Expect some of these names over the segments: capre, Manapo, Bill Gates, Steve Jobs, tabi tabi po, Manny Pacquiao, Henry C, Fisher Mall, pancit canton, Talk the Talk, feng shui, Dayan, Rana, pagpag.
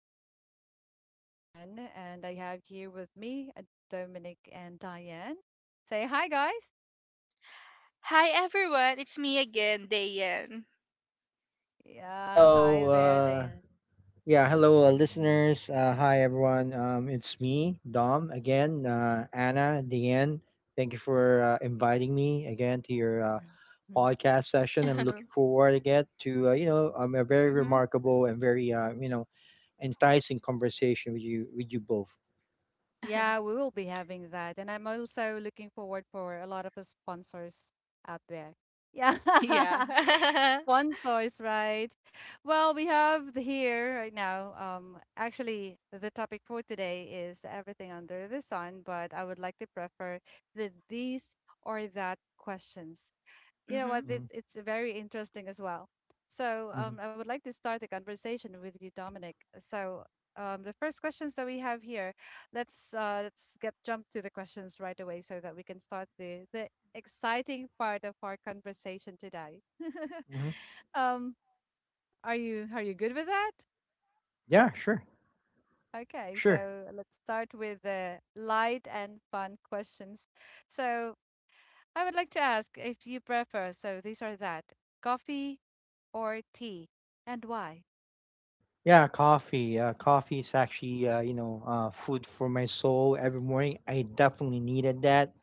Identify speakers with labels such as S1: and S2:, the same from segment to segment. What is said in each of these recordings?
S1: And this is Anna once again. And I have here with me Dominic and Diane. Say hi, guys.
S2: Hi everyone, it's me again, Dayan.
S1: Yeah,
S3: Hello,
S1: hi there, Diane.
S3: yeah, hello, listeners. Hi, everyone. It's me, Dom, again. Anna, Deanne, thank you for inviting me again to your podcast session, and looking forward again to a very
S2: hmm
S3: remarkable and very enticing conversation with you both.
S1: Yeah, we will be having that. And I'm also looking forward for a lot of sponsors out there. Yeah.
S2: Yeah.
S1: Sponsors, right? Well, we have the here right now. Actually, the topic for today is everything under the sun, but I would like to prefer these or that questions. You know what?
S2: hmm
S1: It's
S3: Hmm.
S1: it's very interesting as well. So
S3: Hmm.
S1: I would like to start the conversation with you, Dominic. So the first questions that we have here, let's get jump to the questions right away so that we can start the exciting part of our conversation today.
S3: Hmm.
S1: Um, are you good with that?
S3: Yeah, sure,
S1: Okay,
S3: sure.
S1: so let's start with the light and fun questions. So I would like to ask if you prefer, so these are that, coffee, or tea, and why?
S3: Yeah, coffee. Coffee is actually food for my soul every morning. I definitely needed that,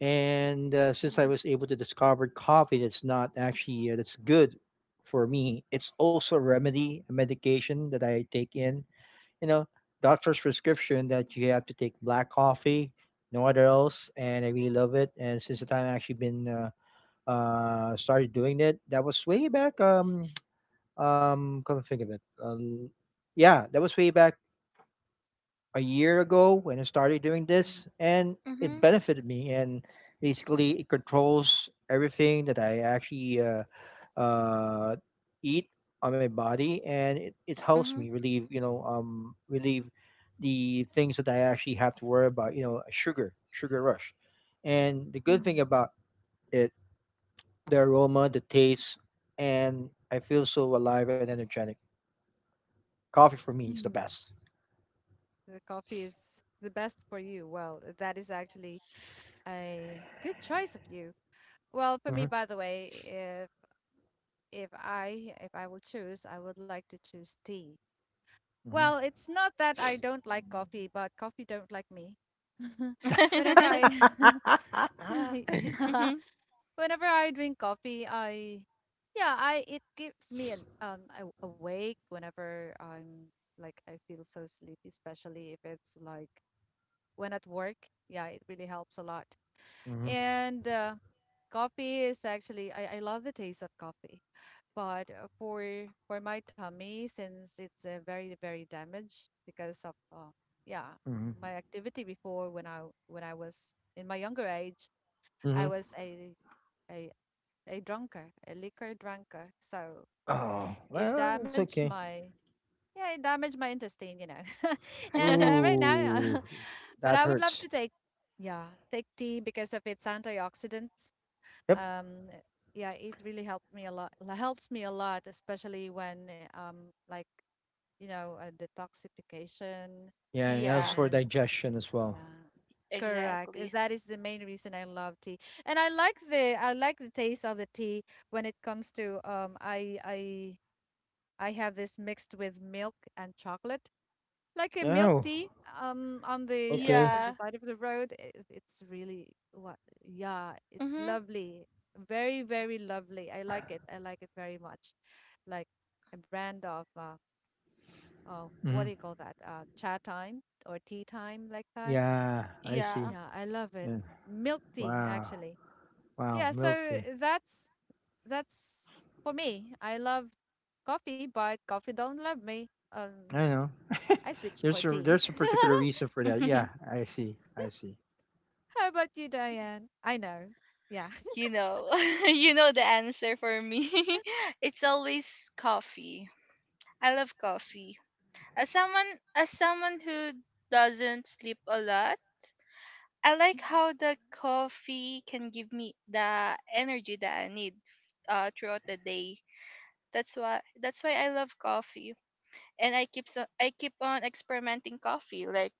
S3: and since I
S1: Mhm,
S3: was able to discover coffee that's not actually that's good for me, it's also a remedy, a medication that I take in. You know, Doctor's prescription that you have to take black coffee, no other else, and I really love it. And since the time I actually been started doing it, that was way back. Come to think of it, yeah, that was way back a year ago when I started doing this, and
S2: hmm
S3: it benefited me. And basically, it controls everything that I actually uh, eat on my body, and it helps
S2: hmm
S3: me relieve, you know, relieve the things that I actually have to worry about, sugar, sugar rush. And the good thing
S1: mhm,
S3: about it, the aroma, the taste, and I feel so alive and energetic. Coffee for me is the
S1: mhm.
S3: best.
S1: The coffee is the best for you. Well, that is actually a good choice of you. Well, for me,
S3: Hmm.
S1: by the way, if I if I will choose, I would like to choose tea.
S3: Hmm.
S1: Well, it's not that I don't like coffee, but coffee don't like me. Whenever I, yeah,
S2: hmm
S1: whenever I drink coffee, I it keeps me awake whenever I'm like I feel so sleepy, especially if it's like when at work. Yeah, it really helps a lot.
S3: Mhm,
S1: And coffee is actually I love the taste of coffee, but for my tummy since it's very very damaged because of yeah
S3: mhm,
S1: my activity before when I was in my younger age,
S3: mhm.
S1: I was a a drunker, a liquor drunker. So
S3: Oh,
S1: it
S3: well, it's
S1: damaged
S3: okay.
S1: it damaged my intestine, you know. and right
S3: Ooh,
S1: now, but
S3: that
S1: I would love
S3: hurts.
S1: to take tea because of its antioxidants.
S3: Yep.
S1: Um, yeah, it really helped me a lot. Helps me a lot, especially when like detoxification
S3: Yeah, and that's
S2: yeah,
S3: for
S1: and
S3: digestion as well.
S1: yeah. Correct.
S2: exactly.
S1: That is the main reason I love tea. And I like the taste of the tea when it comes to I have this mixed with milk and chocolate. Like a milk
S3: Oh,
S1: tea on the
S3: okay.
S1: at the
S2: Yeah.
S1: side of the road. It's really what yeah, it's
S2: hmm
S1: lovely. Very, very lovely. I like it. I like it very much. Like a brand of what do
S3: Hmm.
S1: you call that? Chat time or tea time like that.
S3: Yeah, I see.
S2: Yeah.
S1: Yeah, I love it.
S3: Yeah.
S1: Milk tea,
S3: Wow.
S1: actually.
S3: Wow,
S1: Yeah,
S3: milk
S1: so
S3: tea.
S1: that's for me. I love coffee, but coffee don't love me.
S3: I know.
S1: I switched for
S3: there's a
S1: tea.
S3: there's a particular reason for that. Yeah, I see. I see.
S1: How about you, Diane? I know. Yeah.
S2: you know, you know the answer for me. It's always coffee. I love coffee. As someone, as someone who doesn't sleep a lot, I like how the coffee can give me the energy that I need throughout the day. That's why I love coffee, and I keep on experimenting coffee. Like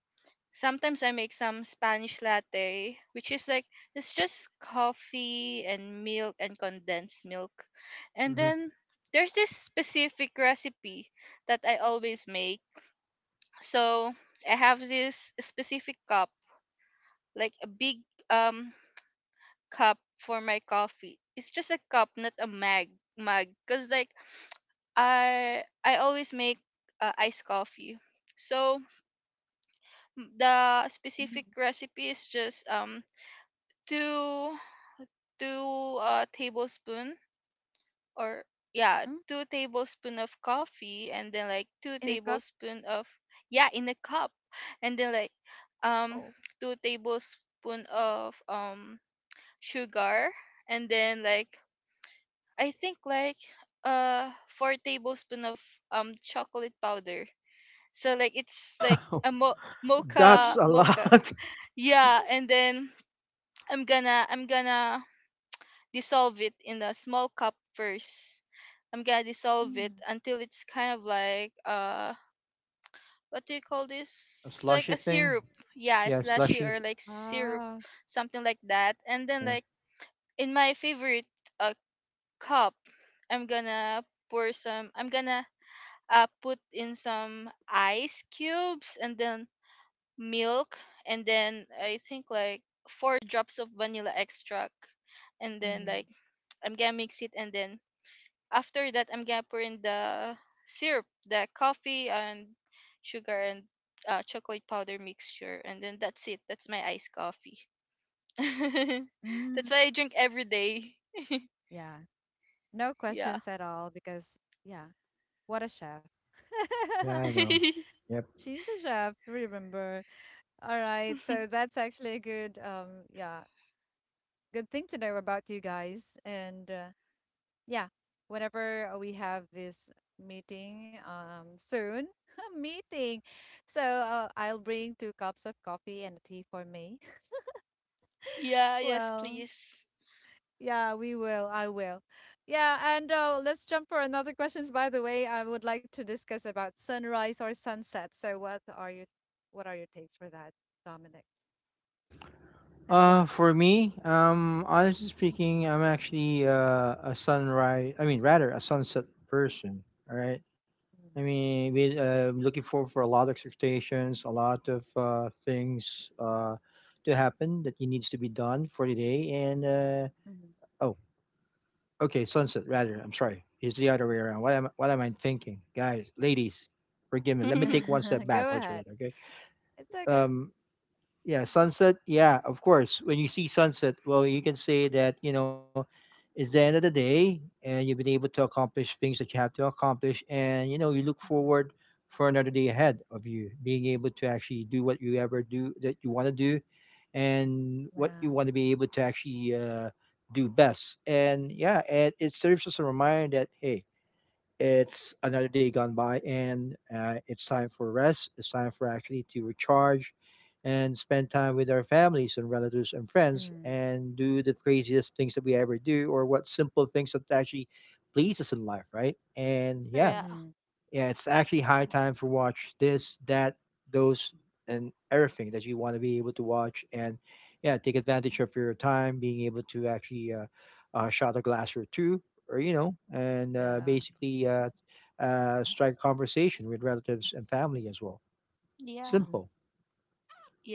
S2: sometimes I make some Spanish latte, which is like it's just coffee and milk and condensed milk, and
S3: Hmm.
S2: then there's this specific recipe that I always make. So I have this specific cup, like a big um cup for my coffee. It's just a cup, not a mag mug. Cause like I always make iced coffee. So the
S1: Mhm.
S2: specific recipe is just two two tablespoon or yeah
S1: Mm,
S2: two tablespoon of coffee, and then like two
S1: in a cup?
S2: tablespoon of yeah in a cup, and then like um
S1: Oh.
S2: two tablespoon of sugar, and then like I think like 4 tablespoon of chocolate powder. So like it's like
S3: Wow,
S2: a
S3: that's
S2: mocha
S3: a
S2: mocha.
S3: lot.
S2: Yeah, and then I'm gonna dissolve it in a small cup first. I'm gonna dissolve it
S1: mm,
S2: until it's kind of like what do you call this?
S3: A
S2: Like
S3: slushy
S2: a
S3: thing.
S2: syrup. Yeah,
S3: Yeah,
S2: slushy
S3: slushy.
S2: or like syrup,
S1: ah.
S2: something like that. And then
S3: Yeah.
S2: like in my favorite uh cup, I'm gonna I'm gonna put in some ice cubes and then milk, and then I think like 4 drops of vanilla extract and then
S1: Mhm.
S2: like I'm gonna mix it, and then after that I'm gonna pour in the syrup, the coffee and sugar and chocolate powder mixture, and then that's it. That's my iced coffee. That's
S1: Mm.
S2: why I drink every day.
S1: Yeah. No
S2: Yeah.
S1: questions at all because yeah, what a chef.
S3: Yeah, I know. Yeah.
S1: She's a chef, remember. All right. So that's actually a good yeah, good thing to know about you guys. And yeah, whenever we have this meeting soon, meeting. So I'll bring two cups of coffee and a tea for me.
S2: yeah, yes,
S1: Well,
S2: please.
S1: yeah, we will. I will. Yeah, and let's jump for another questions. By the way, I would like to discuss about sunrise or sunset. So what are your takes for that, Dominic, and why?
S3: For me, honestly
S1: Mhm.
S3: speaking, I'm actually a sunrise. I mean, rather a sunset person. All right. I mean, we looking forward for a lot of expectations, a lot of things to happen that you needs to be done for the day. And
S1: Mhm.
S3: oh, okay, sunset. Rather, I'm sorry. It's the other way around. What am I thinking, guys, ladies? Forgive me. Let me
S2: yeah.
S3: take one step
S1: Go
S3: backwards for
S1: ahead.
S3: that. Okay.
S1: It's okay.
S3: Um, yeah, sunset. Yeah, of course, when you see sunset, well, you can say that, you know, it's the end of the day, and you've been able to accomplish things that you have to accomplish, and you know, you look
S1: Mhm.
S3: forward for another day ahead of you, being able to actually do what you ever do that you want to do, and what you
S1: Yeah.
S3: want to be able to actually do best. And yeah, and it serves as a reminder that hey, it's another day gone by, and it's time for rest. It's time for actually to recharge and spend time with our families and relatives and friends,
S1: Mm,
S3: and do the craziest things that we ever do or what simple things that actually please us in life, right? And yeah,
S1: mhm.
S3: yeah, it's actually high time for watch this, that, those, and everything that you want to be able to watch. And yeah, take advantage of your time, being able to actually shot a glass or two, or you know, and
S1: Yeah.
S3: basically strike conversation with relatives and family as well.
S2: Yeah.
S1: Mhm.
S3: Simple.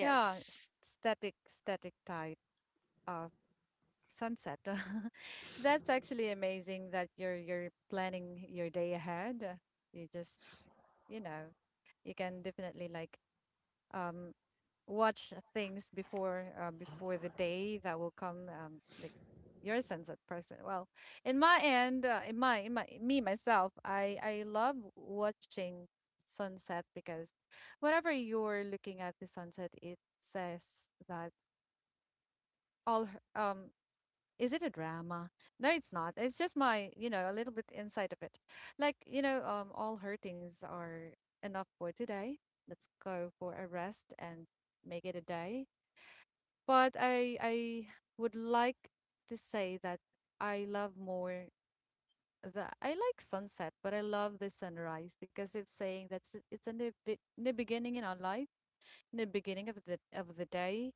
S1: Yeah, static type of sunset. That's actually amazing that you're planning your day ahead. You just, you know, you can definitely like um watch things before the day that will come like your sense of person well in my end in my me myself I love watching sunset because whenever you're looking at the sunset it says that all is it a drama? No, it's not. It's just my, you know, a little bit inside of it, like, you know, all hurtings are enough for today. Let's go for a rest and make it a day. But I would like to say that I love more the, I like sunset, but I love the sunrise because it's saying that it's a new, new beginning in our life, new beginning of the day.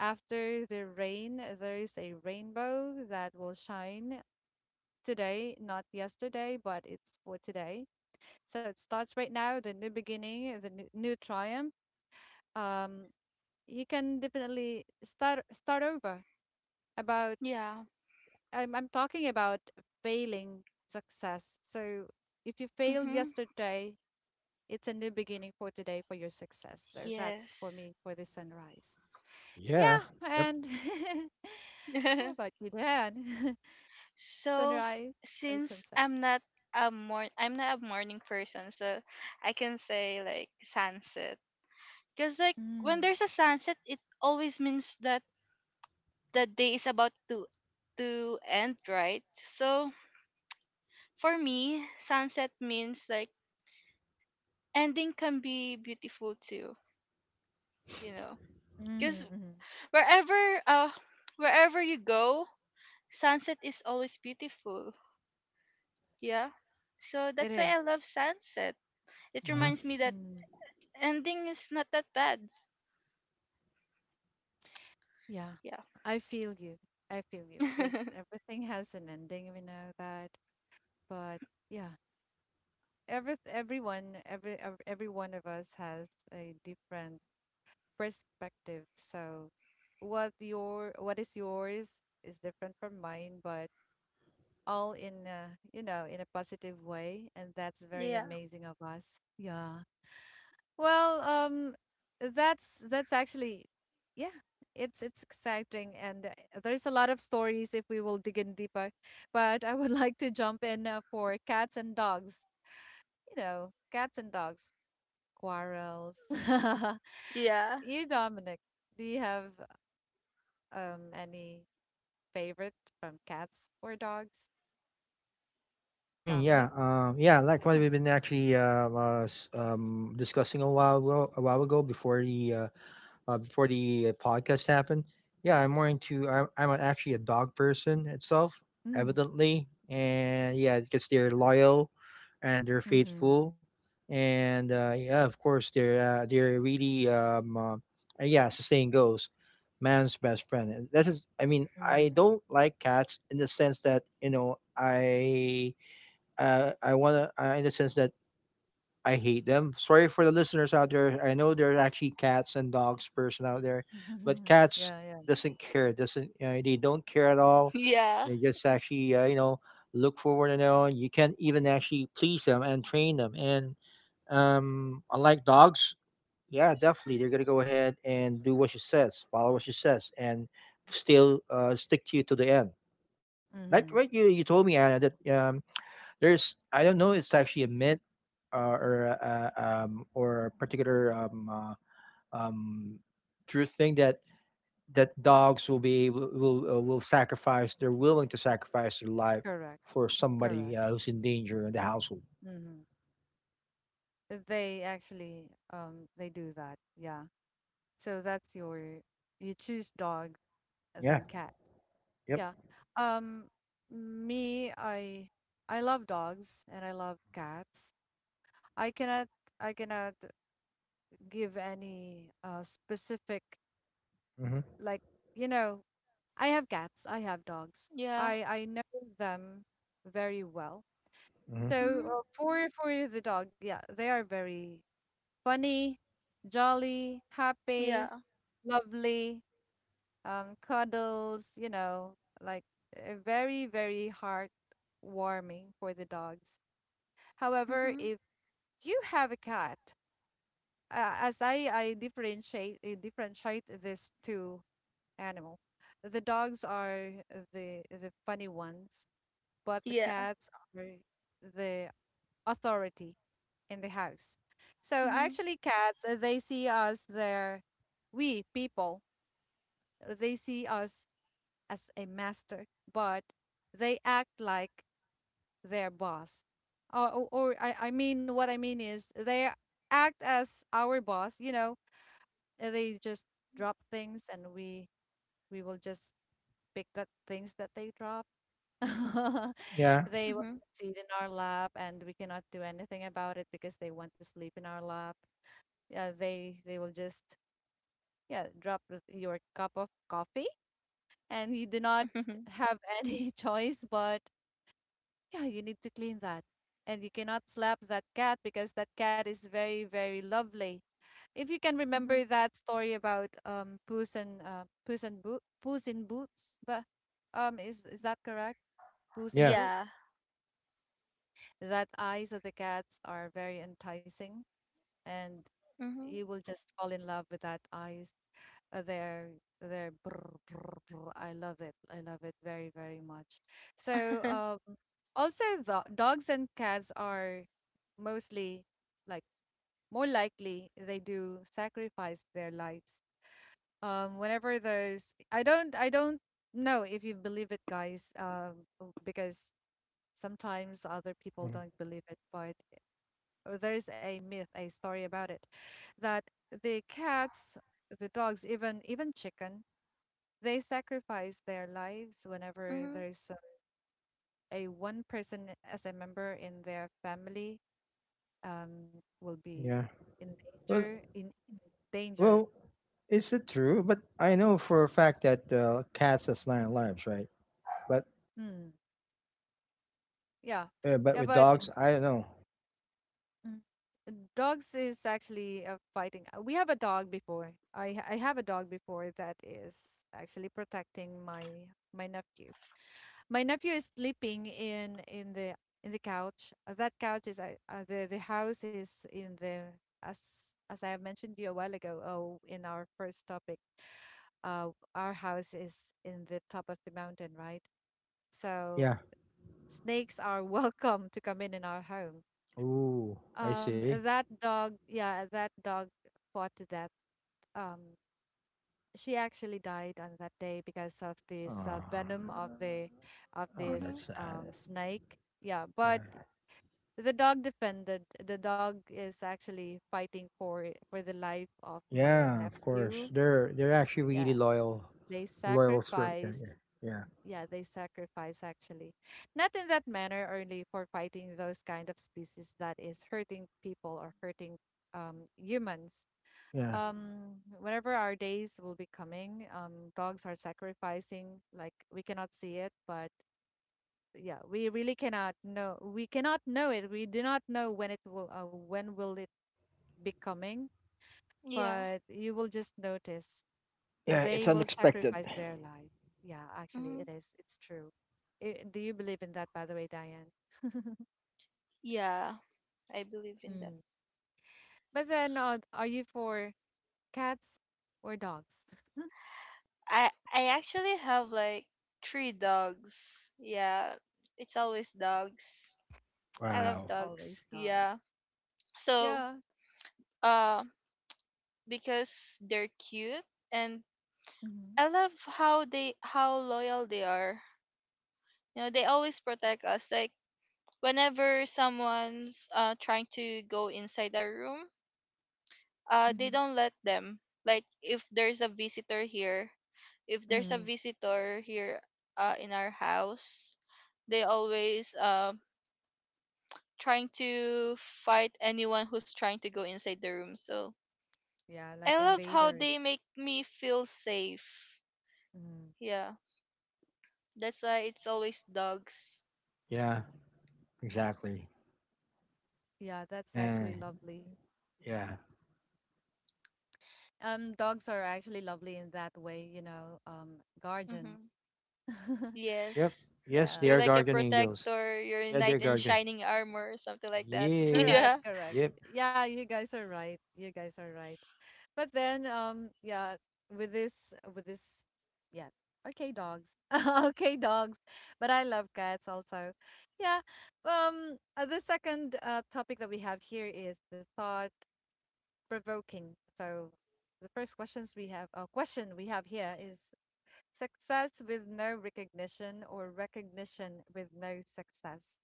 S1: After the rain, there is a rainbow that will shine today, not yesterday, but it's for today. So it starts right now, the new beginning, the new, new triumph. Um, you can definitely start over about
S2: Yeah.
S1: I'm talking about failing success. So if you failed
S2: Mm-hmm.
S1: yesterday, it's a new beginning for today for your success. So that's for
S2: Yes.
S1: me for the sunrise.
S3: Yeah.
S1: Yeah,
S3: Yep.
S1: and how about you, Dan?
S2: so f-
S1: Sunrise or
S2: since
S1: sunset?
S2: I'm not a mor I'm not a morning person, so I can say like sunset. Cause like when
S1: Mm,
S2: there's a sunset, it always means that the day is about to end, right? So for me, sunset means like ending can be beautiful too, you know. Cause
S1: mhm, mhm.
S2: wherever uh wherever you go, sunset is always beautiful. Yeah. So
S1: It
S2: that's why I
S1: is.
S2: love sunset. It
S3: Hmm.
S2: reminds me that
S1: Mm,
S2: ending is not that bad.
S1: yeah,
S2: Yeah.
S1: I feel you. I feel you because everything has an ending. We know that, but yeah, every everyone every ev- every one of us has a different perspective, so what your, what is yours is different from mine, but all in a, you know, in a positive way, and that's very
S2: yeah.
S1: amazing of us. Yeah. Well, that's actually yeah, it's exciting, and there's a lot of stories if we will dig in deeper, but I would like to jump in for cats and dogs. You know, cats and dogs quarrels.
S2: Yeah.
S1: You, Dominic, do you have any favorite from cats or dogs?
S3: I mean, yeah,
S1: Dominic?
S3: yeah, like
S1: Oh,
S3: what
S1: yeah.
S3: we've been actually discussing a while ago, before the podcast happened. Yeah, I'm more into I'm actually a dog person itself,
S1: Mm.
S3: evidently, and yeah, because they're loyal and they're
S1: Mm-hmm.
S3: faithful, and yeah, of course they're really yeah, as the saying goes, man's best friend. And that is, I mean, I
S1: Mm-hmm.
S3: don't like cats in the sense that you know I wanna in the sense that I hate them. Sorry for the listeners out there. I know there are actually cats and dogs person out there, but cats
S1: Yeah, yeah.
S3: doesn't care. Doesn't you know, They don't care at all.
S2: Yeah.
S3: They just actually look forward and on. You can't even actually please them and train them. And unlike dogs, yeah, definitely they're gonna go ahead and do what she says, follow what she says, and still stick to you to the end. Like what
S1: Mm-hmm.
S3: you told me, Anna, that there's, I don't know, it's actually a myth uh, or uh, or particular um, true thing that dogs will be able, will sacrifice. They're willing to sacrifice their life
S1: Correct.
S3: for
S1: Correct.
S3: somebody who's in danger in the household.
S1: Mm-hmm. They actually they do that. Yeah. So that's your, you choose dog than
S3: Yeah.
S1: cat. Yeah.
S3: Yep.
S1: Um me I love dogs and I love cats. I cannot I cannot give any specific
S3: Hmm.
S1: like, you know, I have cats, I have dogs,
S2: Yeah.
S1: I know them very well.
S3: Hmm.
S1: So
S2: Mhm.
S1: for the dog, yeah, they are very funny, jolly, happy,
S2: Yeah.
S1: lovely, cuddles, you know, like very very heartwarming for the dogs. However,
S2: Mhm.
S1: if you have a cat, as I differentiate, I differentiate this two animal. The dogs are the funny ones, but the
S2: Yeah.
S1: cats are the authority in the house. So
S2: Mhm.
S1: actually, cats they see us there, we people, they see us as a master, but they act like their boss. Or I mean, what I mean is they act as our boss. You know, they just drop things, and we will just pick that things that they drop.
S3: Yeah,
S1: They want
S2: Mhm.
S1: to sit in our lap and we cannot do anything about it because they want to sleep in our lap. Yeah, they will just yeah, drop your cup of coffee and you do not
S2: Mhm.
S1: have any choice but yeah, you need to clean that. And you cannot slap that cat because that cat is very, very lovely. If you can
S2: Mhm.
S1: remember that story about Puss and Puss and Boot Puss in Boots, but is that correct? Puss in
S3: yeah,
S2: Yeah.
S1: Boots? That eyes of the cats are very enticing and you
S2: Mhm.
S1: will just fall in love with that eyes, their brr, brr, brr. I love it, I love it very very much. So also the dogs and cats are mostly like more likely they do sacrifice their lives, whenever there's I don't know if you believe it, guys, because sometimes other people
S3: mhm,
S1: don't believe it, but or there is a myth, a story about it, that the cats, the dogs, even even chicken, they sacrifice their lives whenever there
S2: Mhm.
S1: is a one person as a member in their family will be
S3: yeah.
S1: in
S3: Well,
S1: danger in danger.
S3: well, is it true? But I know for a fact that cats has nine lives, right? But
S1: Hmm. Yeah.
S3: but
S1: Yeah,
S3: with
S1: but
S3: dogs, I don't know.
S1: mm, dogs is actually fighting. We have a dog before. I have a dog before that is actually protecting my nephew. My nephew is sleeping in the couch. That couch is the house is in the, as I have mentioned to you a while ago. Oh, in our first topic, our house is in the top of the mountain, right? So
S3: Yeah.
S1: snakes are welcome to come in our home.
S3: Ooh, I see.
S1: That dog, yeah, that dog fought to death. Um, she actually died on that day because of this
S3: Oh,
S1: venom of the of
S3: oh, that's
S2: Mhm.
S1: this
S3: sad.
S1: snake. Yeah,
S3: Yeah,
S1: but the dog defended. The dog is actually fighting for it, for the life of my
S3: yeah, of course.
S1: nephew.
S3: They're actually
S1: Yeah,
S3: really loyal,
S1: they
S3: yeah, yeah,
S1: sacrifice.
S3: yeah,
S1: Yeah, they sacrifice actually. Not in that manner only for fighting those kind of species that is hurting people or hurting humans.
S3: yeah.
S1: Whenever our days will be coming, dogs are sacrificing. Like we cannot see it, but yeah, we really cannot know. We cannot know it. We do not know when it will, when will it becoming,
S2: Yeah.
S1: but you will just notice
S3: Yeah,
S1: they
S3: it's
S1: will
S3: unexpected.
S1: sacrifice their life. Yeah, actually,
S2: Mhm.
S1: it is. It's true. I do you believe in that, by the way, Diane?
S2: Yeah. I believe in that.
S1: Mm. But then, are you for cats or dogs?
S2: I actually have like 3 dogs. Yeah. It's always dogs. I love
S3: Wow.
S2: dogs.
S1: Always dogs.
S2: Yeah. So
S1: Yeah.
S2: uh because they're cute, and
S1: Mm-hmm.
S2: i love how loyal they are. You know, they always protect us, like whenever someone's trying to go inside our room, they
S1: Mm-hmm.
S2: don't let them. Like if there's a visitor here if there's a
S1: Mm.
S2: visitor here in our house, they always trying to fight anyone who's trying to go inside the room. So
S1: Yeah,
S2: I
S1: like
S2: love how
S1: invaders.
S2: they make me feel safe,
S1: Mm.
S2: yeah. That's why it's always dogs.
S3: Yeah, exactly.
S1: Yeah, that's
S3: Yeah,
S1: actually lovely.
S3: yeah.
S1: Dogs are actually lovely in that way, you know, guardian.
S2: Mm-hmm.
S3: Yep.
S2: Yes.
S3: Yes, they
S1: Yeah,
S2: They're
S3: are
S2: like a
S3: guardian angels.
S2: protector, your
S3: Yeah, they're
S2: knight in
S3: guardian.
S2: shining armor, or something like that.
S1: correct,
S2: yeah.
S3: Yes.
S1: correct.
S3: Yep.
S1: Yeah, you guys are right. You guys are right. But then, yeah, with this, yeah, okay, dogs, okay, dogs. But I love cats also. Yeah. The second topic that we have here is the thought provoking. So the first questions we have, question we have here is success with no recognition or recognition with no success.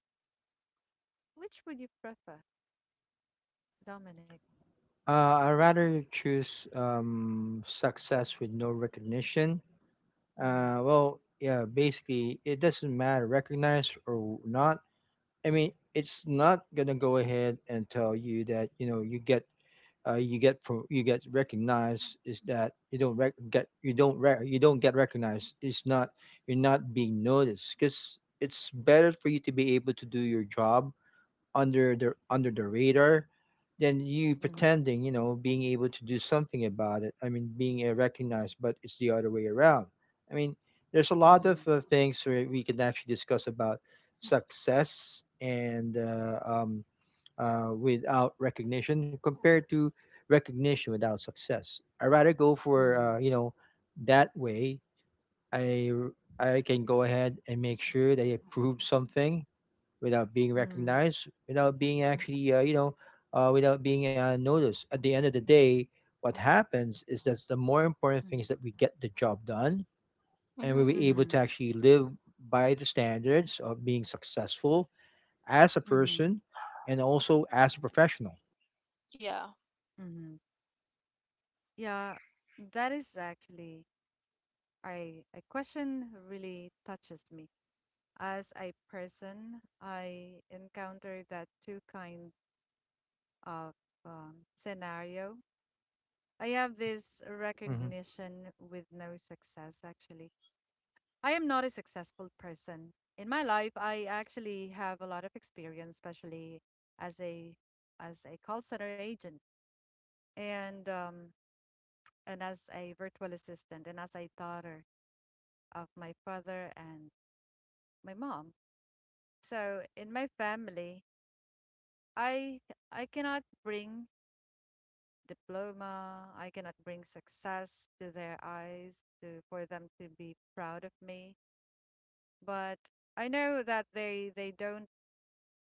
S1: Which would you prefer, Dominic?
S3: I'd rather choose success with no recognition.
S1: Mm-hmm.
S3: Well, yeah, basically, it doesn't matter, recognized or not. I mean, it's not gonna go ahead and tell you that you know you get recognized, is that you don't get recognized. It's not You're not being noticed because it's better for you to be able to do your job under the
S1: Mm-hmm.
S3: radar than you
S1: Mhm,
S3: pretending, you know, being able to do something about it. I mean, being recognized, but it's the other way around. I mean, there's a lot
S1: mhm,
S3: of things where we can actually discuss about success and without recognition compared to recognition without success. I rather go for
S1: mhm,
S3: that way. I can go ahead and make sure that I prove something without being
S1: mhm,
S3: recognized, without being actually, without being noticed. At the end of the day, what happens is that the more important thing is that we get the job done, and we were
S2: Mm-hmm.
S3: able
S1: mhm,
S3: to actually live by the standards of being successful as a
S1: mhm, mhm,
S3: person and also as a professional.
S2: Yeah.
S1: mhm. Yeah, that is actually I a question really touches me. As a person, I encounter that two kind of scenario. I have this
S3: Mm-hmm.
S1: recognition with no success, actually. I am not a successful person. In my life, I actually have a lot of experience, especially as a as a call center agent. and um and as a virtual assistant and as a daughter of my father and my mom. So in my family, I I cannot bring diploma, I cannot bring success to their eyes to for them to be proud of me, but I know that they don't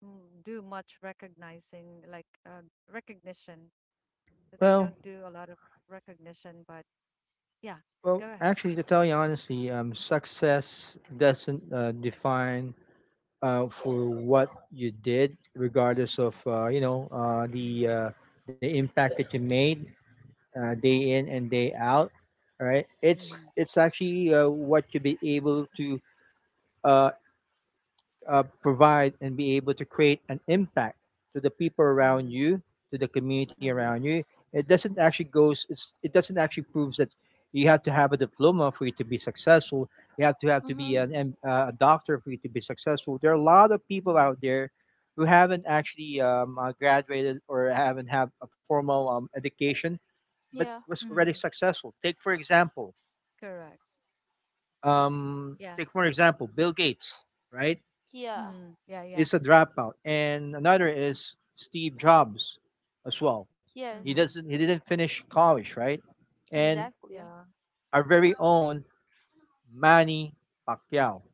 S1: do much recognizing like recognition. They
S3: Well,
S1: don't do a lot of recognition, but yeah,
S3: well,
S1: go ahead.
S3: actually, to tell you honestly, success doesn't define for what you did, regardless of the
S1: Mm-hmm.
S3: uh, the impact that you made day in and day out. All right, it's actually what you be able to uh, provide and be able to create an impact to the people around
S1: Mm-hmm.
S3: you, to the community
S1: Mm-hmm.
S3: around you, it doesn't actually goes. It doesn't actually proves that you have to have a diploma for you to be successful. You have to be
S2: Mm-hmm.
S1: Mhm,
S3: A doctor for you to be successful. There are a lot of people
S1: mhm,
S3: out there who haven't actually graduated or haven't have a formal education, but
S2: Yeah.
S3: was already
S1: mhm,
S3: successful. Take for example,
S1: correct.
S3: um,
S1: Yeah.
S3: take for example, Bill Gates, right,
S2: Yeah.
S1: Mhm, yeah, yeah.
S3: is a dropout, and another is Steve Jobs as well.
S1: Mhm,
S2: Yes.
S3: He didn't finish college, right? And
S2: Exactly.
S1: yeah,
S3: our very own Manny Pacquiao.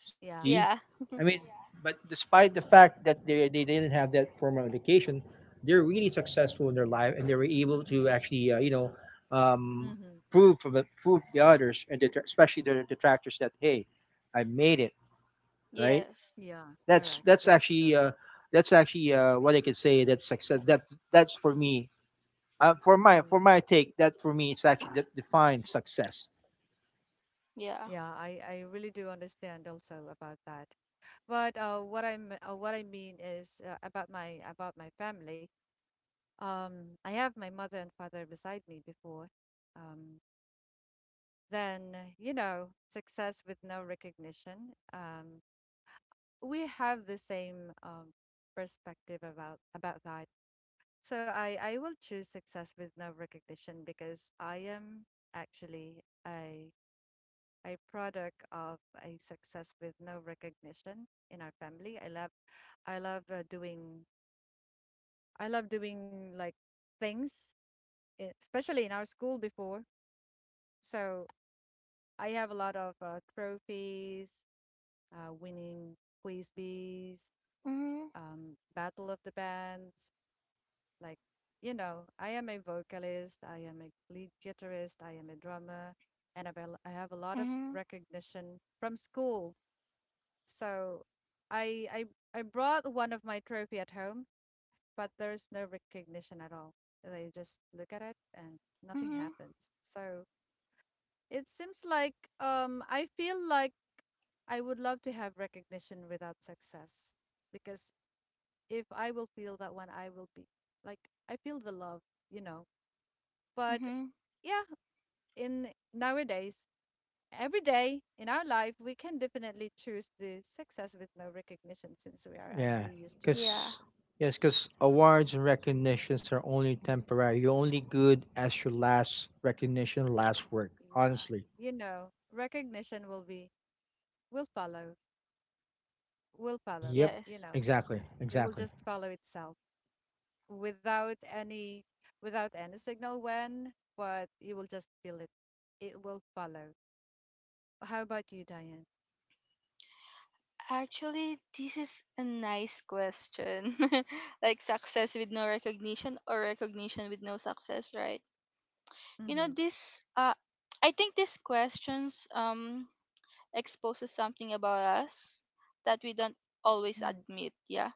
S3: See,
S1: yeah.
S2: Yeah.
S3: I mean, but despite the fact that they didn't have that formal education, they're really successful in their life, and they were able to actually um,
S1: Mhm,
S3: prove the others and the, especially the detractors, that hey, I made it, right?
S2: Yes.
S1: yeah,
S3: That's
S1: correct.
S3: that's
S1: That's
S3: actually
S1: correct.
S3: uh, that's actually what I could say. That's success. That's for me. For my for
S1: Mhm.
S3: my take, that for me, it's actually that defines success.
S2: Yeah.
S1: Yeah, I really do understand also about that. But what I mean is about my family. I have my mother and father beside me before. Um, then you know, success with no recognition. We have the same perspective about that. So I will choose success with no recognition because I am actually a product of a success with no recognition in our family. I love uh, doing I love doing like things especially in our school before. So I have a lot of trophies, winning quiz bees,
S2: Mm-hmm.
S1: Battle of the Bands. Like, you know, I am a vocalist, I am a lead guitarist, I am a drummer, and I have a lot of
S2: Mm-hmm.
S1: recognition from school. So I, I, I brought one of my trophy at home, but there's no recognition at all. They just look at it and nothing
S2: Mm-hmm.
S1: happens. So it seems like I feel like I would love to have recognition without success because if I will feel that one, I will be like I feel the love, you know. But
S2: Mm-hmm.
S1: yeah, in nowadays, every day in our life we can definitely choose the success with no recognition since we are actually
S3: Yeah,
S1: used to it.
S2: Yeah.
S3: because Yes, because awards and recognitions are only temporary. You're only good as your last recognition, last work.
S1: Yeah,
S3: Honestly.
S1: you know recognition will be will follow will follow,
S3: Yep.
S1: you
S2: Yes.
S1: know,
S3: Exactly.
S1: it will
S3: Exactly.
S1: just follow itself without any without any signal when, but you will just feel it, it will follow. How about you, Diane?
S2: Actually, this is a nice question. like success with no recognition or recognition with no success, right? You know,
S1: Mm-hmm,
S2: this I think these questions exposes something about us that we don't always admit, yeah.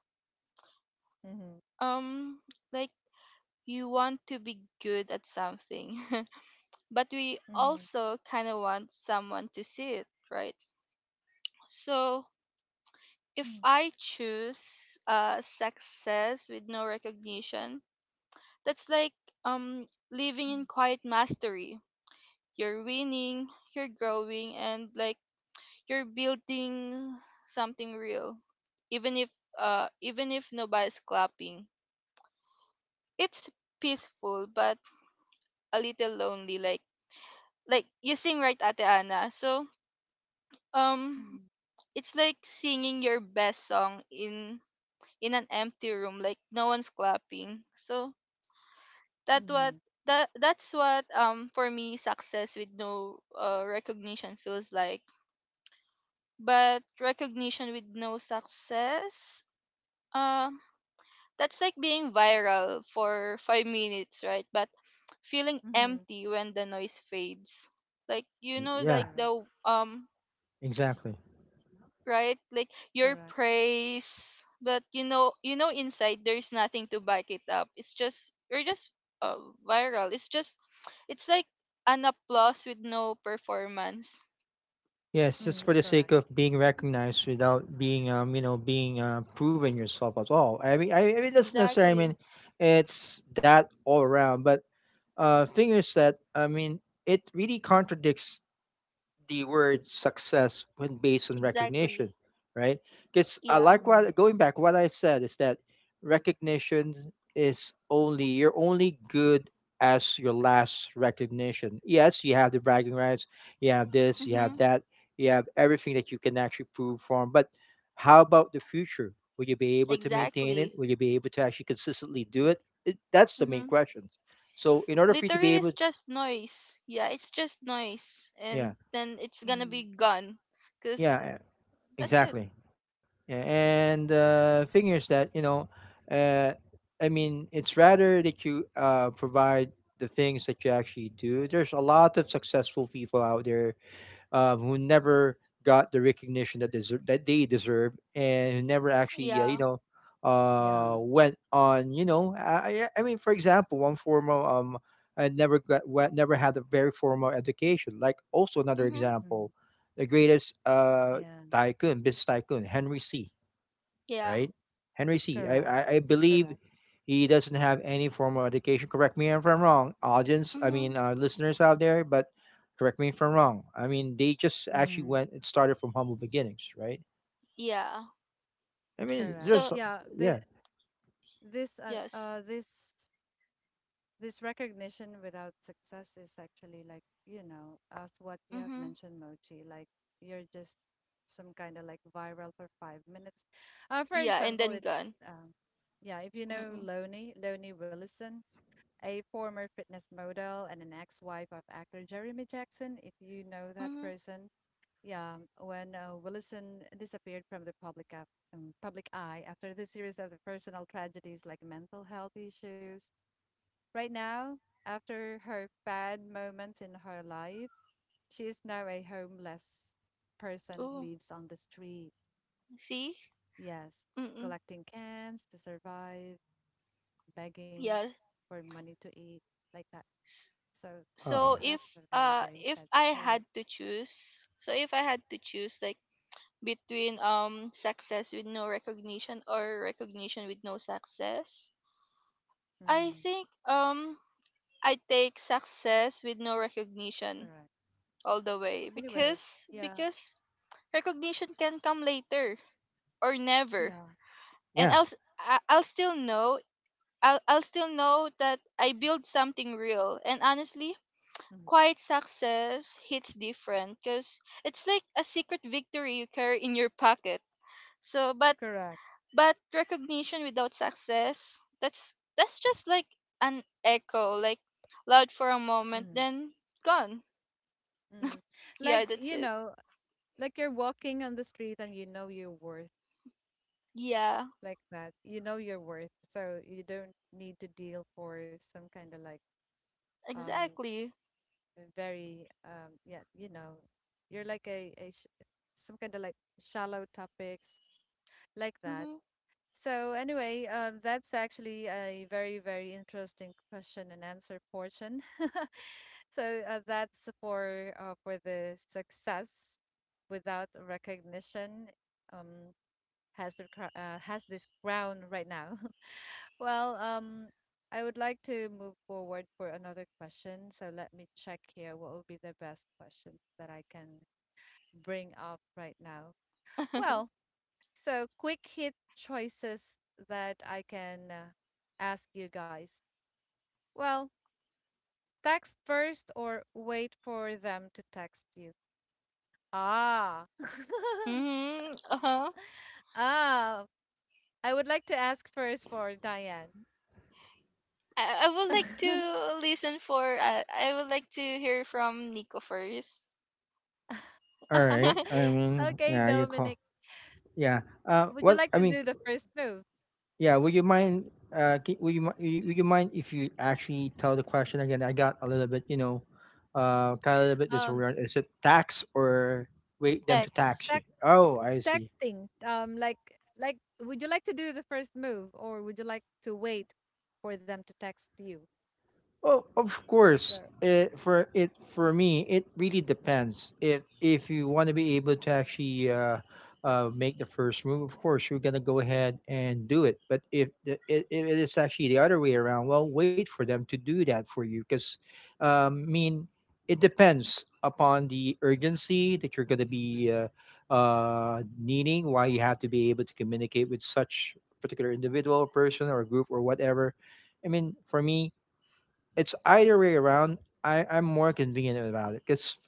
S1: mm-hmm,
S2: Um like you want to be good at something, but we
S1: mm-hmm,
S2: also kind of want someone to see it, right? So if
S1: mm-hmm,
S2: I choose success with no recognition, that's like um living in
S1: mm-hmm,
S2: quiet mastery. You're winning, you're growing, and like you're building something real, even if nobody's clapping. It's peaceful but a little lonely, like you sing right ate ana, so um
S1: mm-hmm,
S2: it's like singing your best song in an empty room, like no one's clapping. So that
S1: mm-hmm.
S2: what that's what for me success with no recognition feels like. But recognition with no success, uh that's like being viral for 5 minutes, right? But feeling
S1: Mm-hmm.
S2: empty when the noise fades. Like you know,
S3: Yeah.
S2: like the
S3: Exactly.
S2: right, like your
S1: Correct.
S2: praise, but you know inside there's nothing to back it up. It's just you're just uh, viral. It's just it's like an applause with no performance.
S3: Yes, just
S1: Mm,
S3: for the sake
S1: correct.
S3: of being recognized without being, being proven yourself at all. I mean, that's necessary. I
S2: Exactly.
S3: mean, it's that all around. But thing is that I mean, it really contradicts the word success when based on
S2: Exactly.
S3: recognition, right? Because I
S2: Yeah.
S3: like
S1: Mm,
S3: what going back, what I said is that recognition is only you're only good as your last recognition. Yes, you have the bragging rights, you have this, you have
S2: Mhm.
S3: that, you have everything that you can actually prove from. But how about the future? Will you be able to maintain
S2: Exactly.
S3: it? Will you be able to actually consistently do it? That's the main
S2: Mhm.
S3: question. So in order for you to be
S2: Literally,
S3: able,
S2: it's just noise. Yeah, it's just noise, and
S3: yeah,
S2: then it's gonna
S1: mm.
S2: be gone. Cause
S3: yeah,
S2: that's it.
S3: exactly. Yeah, and thing is that you know, uh, I mean, it's rather that you provide the things that you actually do. There's a lot of successful people out there who never got the recognition that deserve that they deserve, and who never actually
S2: Yeah.
S1: Yeah.
S3: went on I mean for example one formal I never got never had a very formal education, like also another
S2: Mhm.
S1: Mm,
S3: example the greatest
S1: yeah.
S3: tycoon, business tycoon Henry C,
S2: Yeah.
S3: right? Henry C. I,
S1: Correct.
S3: I, I believe
S1: Correct.
S3: he doesn't have any formal education. Correct me if I'm wrong, audience. I mean,
S2: Mhm.
S3: listeners out there, but correct me if I'm wrong. I mean, they just actually
S1: Mm,
S3: went and started from humble beginnings, right?
S2: Yeah.
S3: I mean,
S1: correct.
S2: So
S3: there's,
S1: Yeah.
S3: yeah,
S1: The This
S2: yes.
S1: this this recognition without success is actually like, you know, as what you have
S2: Mhm.
S1: mentioned, Mochi, like you're just some kind of like viral for 5 minutes. For
S2: Yeah, and
S1: example,
S2: then
S1: it's
S2: gone.
S1: um yeah, if you know
S2: Mhm.
S1: Loni, Loni Willison, a former fitness model and an ex-wife of actor Jeremy Jackson, if you know that
S2: Mhm.
S1: person. Yeah, when Willison disappeared from the public eye after the series of the personal tragedies like mental health issues. Right now, after her bad moments in her life, she is now a homeless person,
S2: Oh,
S1: lives on the street.
S2: see.
S1: Yes,
S2: Mhm.
S1: collecting cans to survive, begging
S2: Yeah.
S1: for money to eat, like that.
S2: S-
S1: So
S3: uh,
S2: So
S1: that's a very, very
S2: if
S1: sad
S2: I
S1: story.
S2: had to choose, so if I had to choose, like between success with no recognition or recognition with no success, I
S1: Mm-hmm.
S2: think I take success with no recognition
S1: Correct.
S2: all the way,
S1: Anyway,
S2: because
S1: yeah,
S2: recognition can come later or never,
S1: yeah,
S2: and
S3: yeah.
S2: I'll still know that I built something real, and honestly
S1: mm-hmm,
S2: quiet success hits different because it's like a secret victory you carry in your pocket. so but
S1: correct.
S2: But recognition without success, that's just like an echo, like loud for a moment,
S1: Mm-hmm.
S2: then gone.
S1: Mm.
S2: Yeah,
S1: Like,
S2: that's
S1: you
S2: it.
S1: know, like you're walking on the street and you know your worth,
S2: Yeah,
S1: like that. You know your worth. So you don't need to deal for some kind of like um
S2: exactly.
S1: very yeah, you know, you're like a sh some kind of like shallow topics like that.
S2: Mhm.
S1: So anyway, that's actually a very, very interesting question and answer portion. So that's for the success without recognition um, has this crown right now. Well, I would like to move forward for another question. So let me check here. What would be the best question that I can bring up right now? Well, so, quick hit choices that I can ask you guys. Well, text first or wait for them to text you? Ah.
S2: mhm. Uh huh.
S1: Ah, I would like to ask first for Diane.
S2: I would like to listen for. I would like to hear from Nico first.
S3: All right. I mean,
S1: Okay,
S3: yeah, you call,
S1: Dominic,
S3: yeah. Uh,
S1: would you
S3: what
S1: like
S3: I
S1: to
S3: mean,
S1: do the first move?
S3: Yeah, would you mind? Would you mind if you actually tell the question again? I got a little bit, you know, kind of a little bit
S1: Um,
S3: disoriented. Is it tax or wait them to
S2: Text.
S3: tax you?
S1: tech
S3: Oh, I see.
S1: Texting. Like would you like to do the first move or would you like to wait for them to text you?
S3: Well, of course,
S1: So,
S3: it, for it for me, it really depends. If you want to be able to actually make the first move, of course you're gonna go ahead and do it. But if it is actually the other way around, well, wait for them to do that for you, because I mean, it depends upon the urgency that you're gonna be needing. Why you have to be able to communicate with such particular individual, person, or group, or whatever. I mean, for me it's either way around. I'm more convenient about it because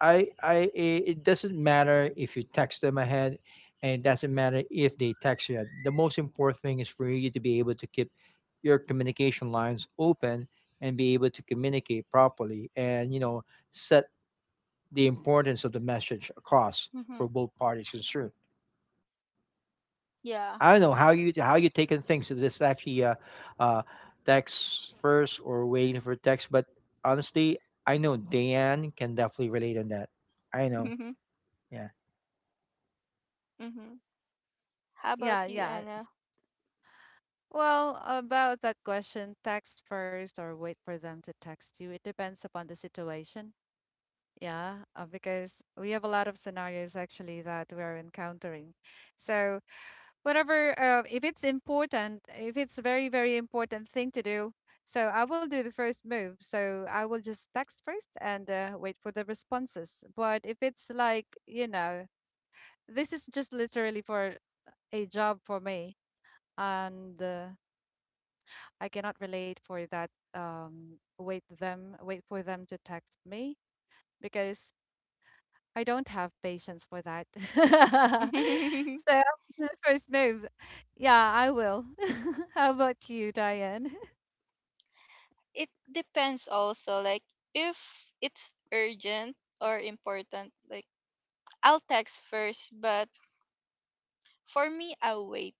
S3: it doesn't matter if you text them ahead, and it doesn't matter if they text you. The most important thing is for you to be able to keep your communication lines open and be able to communicate properly, and you know set the importance of the message across
S2: Mhm.
S3: for both parties concerned. I don't know
S2: Yeah.
S3: how you taking things. So this actually uh, text first or waiting for text. But honestly, I know Dan can definitely relate on that. I know.
S2: Mhm.
S3: Yeah.
S2: Mhm. How
S1: yeah,
S2: about you,
S1: yeah.
S2: Anna?
S1: Well, about that question, text first or wait for them to text you. It depends upon the situation. Yeah, because we have a lot of scenarios actually that we are encountering. So, whatever, if it's important, if it's very, very important thing to do, so I will do the first move. So I will just text first and wait for the responses. But if it's like, you know, this is just literally for a job for me, and I cannot relate for that wait for them to text me because I don't have patience for that. So after the first move. Yeah, I will. How about you, Diane?
S2: It depends also, like if it's urgent or important, like I'll text first, but for me I'll wait.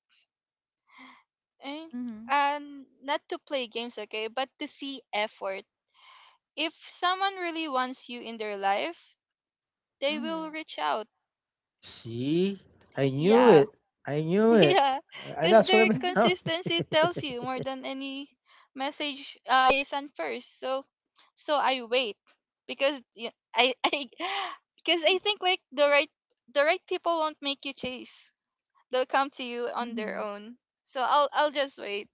S2: And
S1: Mhm.
S2: and not to play games, okay, but to see effort. If someone really wants you in their life, they will
S1: Mhm.
S2: reach out.
S3: See, I knew
S2: Yeah.
S1: Mhm.
S3: it. I knew it.
S2: yeah,
S3: And
S2: because
S3: that's what I
S2: their
S3: mean.
S2: consistency tells you more than any message you send first. So, so I wait, because y- I I because I think like the right people won't make you chase. They'll come to you on their
S1: Mhm.
S2: own. So I'll just wait.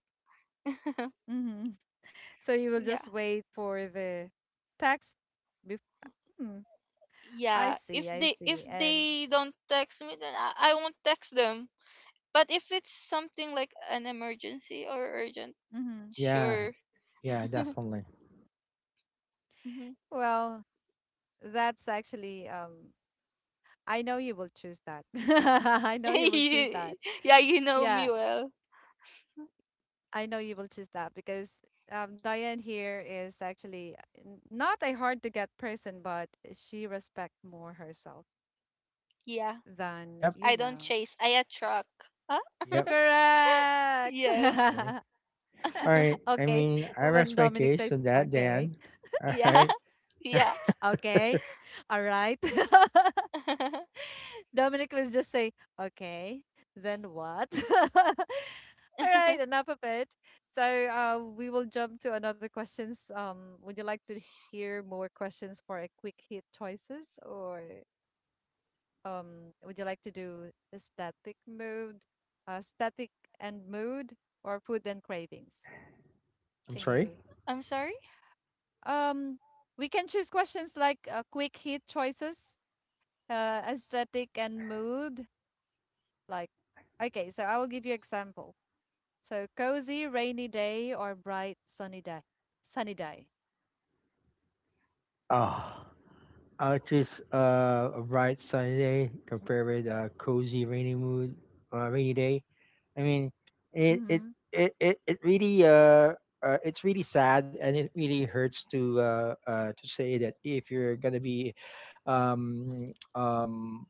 S1: Mhm. So you will
S2: Yeah.
S1: just wait for the text. Bef- hmm, I
S2: Yeah.
S1: see, I
S2: If
S1: see. And
S2: they don't text me, then I won't text them. But if it's something like an emergency or urgent,
S1: mhm,
S3: Yeah.
S2: sure.
S3: Yeah. Definitely.
S1: well, that's actually I know you will choose that. I know you will choose
S2: Ye-
S1: that.
S2: yeah, you know me
S1: Yeah,
S2: well.
S1: I know you will choose that because Diane here is actually not a hard to get person, but she respect more herself
S2: Yeah,
S1: than,
S3: Yep.
S1: you
S2: I don't
S1: know.
S2: chase, I attract. Huh?
S3: Yep.
S1: Correct.
S2: Yes.
S3: Okay. All right. I
S1: Okay,
S3: mean, I
S1: when
S3: rest my
S1: Dominic says
S3: case on that,
S1: okay.
S3: Dan. All
S2: yeah.
S3: right.
S2: Yeah.
S1: Okay. All right. Dominic was just say, okay, then what? All right, enough of it. So we will jump to another questions. Would you like to hear more questions for a quick hit choices, or would you like to do a static mood, static and mood, or food and cravings?
S3: I'm
S1: Can
S3: sorry.
S1: you?
S2: I'm sorry?
S1: Um, we can choose questions like quick hit choices, aesthetic and mood. Like, okay, so I will give you example. So cozy rainy day or bright sunny day. Sunny day.
S3: Oh. Artist a bright sunny day compared with a cozy rainy mood, rainy day. I mean, it it
S1: Mm-hmm.
S3: it really it's really sad and it really hurts to say that if you're gonna be um um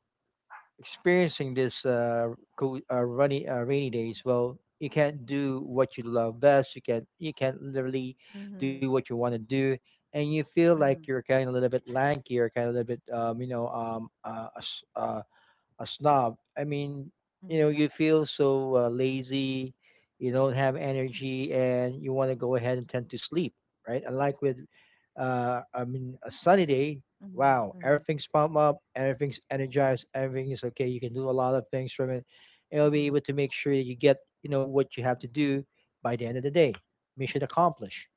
S3: experiencing this rainy days, well, you can't do what you love best. You can't literally do
S1: Mm-hmm.
S3: what you want to do, and you feel like
S1: Mm-hmm.
S3: you're kind of a little bit lanky or kind of a little bit a snob. I mean, you know,
S1: Mm-hmm.
S3: you feel so lazy, you don't have energy, and you want to go ahead and tend to sleep, right? Unlike with, I mean, a sunny day,
S1: Mm-hmm.
S3: wow,
S1: Mm-hmm.
S3: everything's pumped up, everything's energized, everything is okay. You can do a lot of things from it, and you'll be
S1: Mm-hmm.
S3: able to make sure that you get, you know, what you have to do by the end of the day. Mission accomplished.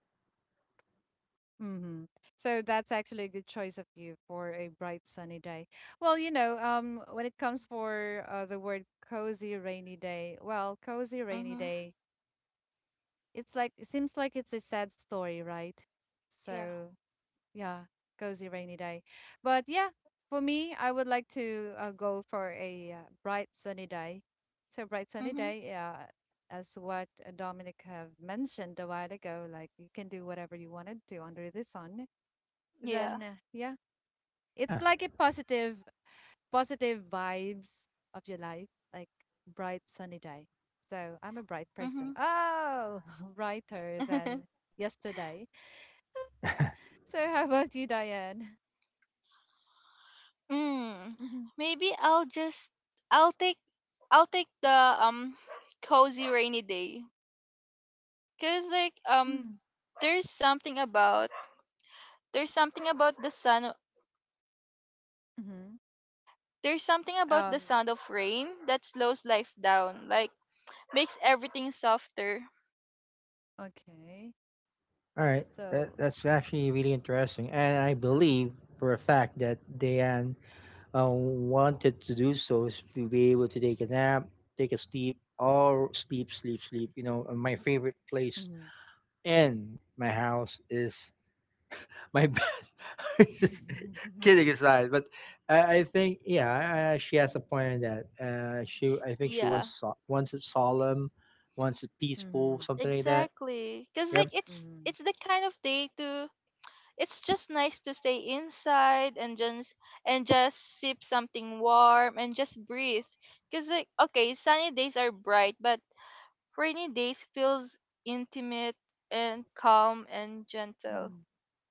S1: Mm-hmm. So that's actually a good choice of you for a bright sunny day. Well, you know, when it comes for the word cozy rainy day, well, cozy rainy
S2: Mm-hmm.
S1: day, it's like it seems like it's a sad story, right?
S2: Yeah.
S1: So yeah, cozy rainy day. But yeah, for me, I would like to go for a bright sunny day. So bright sunny
S2: Mm-hmm.
S1: day, as what Dominic have mentioned a while ago, like you can do whatever you want to do under the sun.
S2: Yeah.
S1: Then yeah, it's
S3: Yeah.
S1: like a positive, positive vibes of your life, like bright sunny day. So I'm a bright person.
S2: Mm-hmm.
S1: Oh, brighter than yesterday. So how about you, Diane?
S2: mm. Maybe I'll just I'll take the cozy rainy day. Cause like
S1: Mhm.
S2: there's something about there's something about the sun.
S1: Mhm.
S2: There's something about the
S1: Um,
S2: sound of rain that slows life down, like makes everything softer.
S1: okay.
S3: All right. That,
S1: So,
S3: that's actually really interesting. And I believe for a fact that Diane wanted to do so is to be able to take a nap, take a sleep, or sleep, sleep, sleep. You know, and my favorite place
S1: mhm.
S3: in my house is my bed.
S1: Mhm.
S3: Kidding aside, but I think yeah, she has a point in that. She, I think she
S2: Yeah,
S3: wants wants it solemn, wants it peaceful,
S1: Mhm.
S3: something like that.
S2: exactly. Cause
S3: Yep.
S2: like
S1: Mhm.
S2: it's the kind of day to it's just nice to stay inside and just sip something warm and just breathe. Cause like okay, sunny days are bright, but rainy days feels intimate and calm and gentle.
S1: Mhm.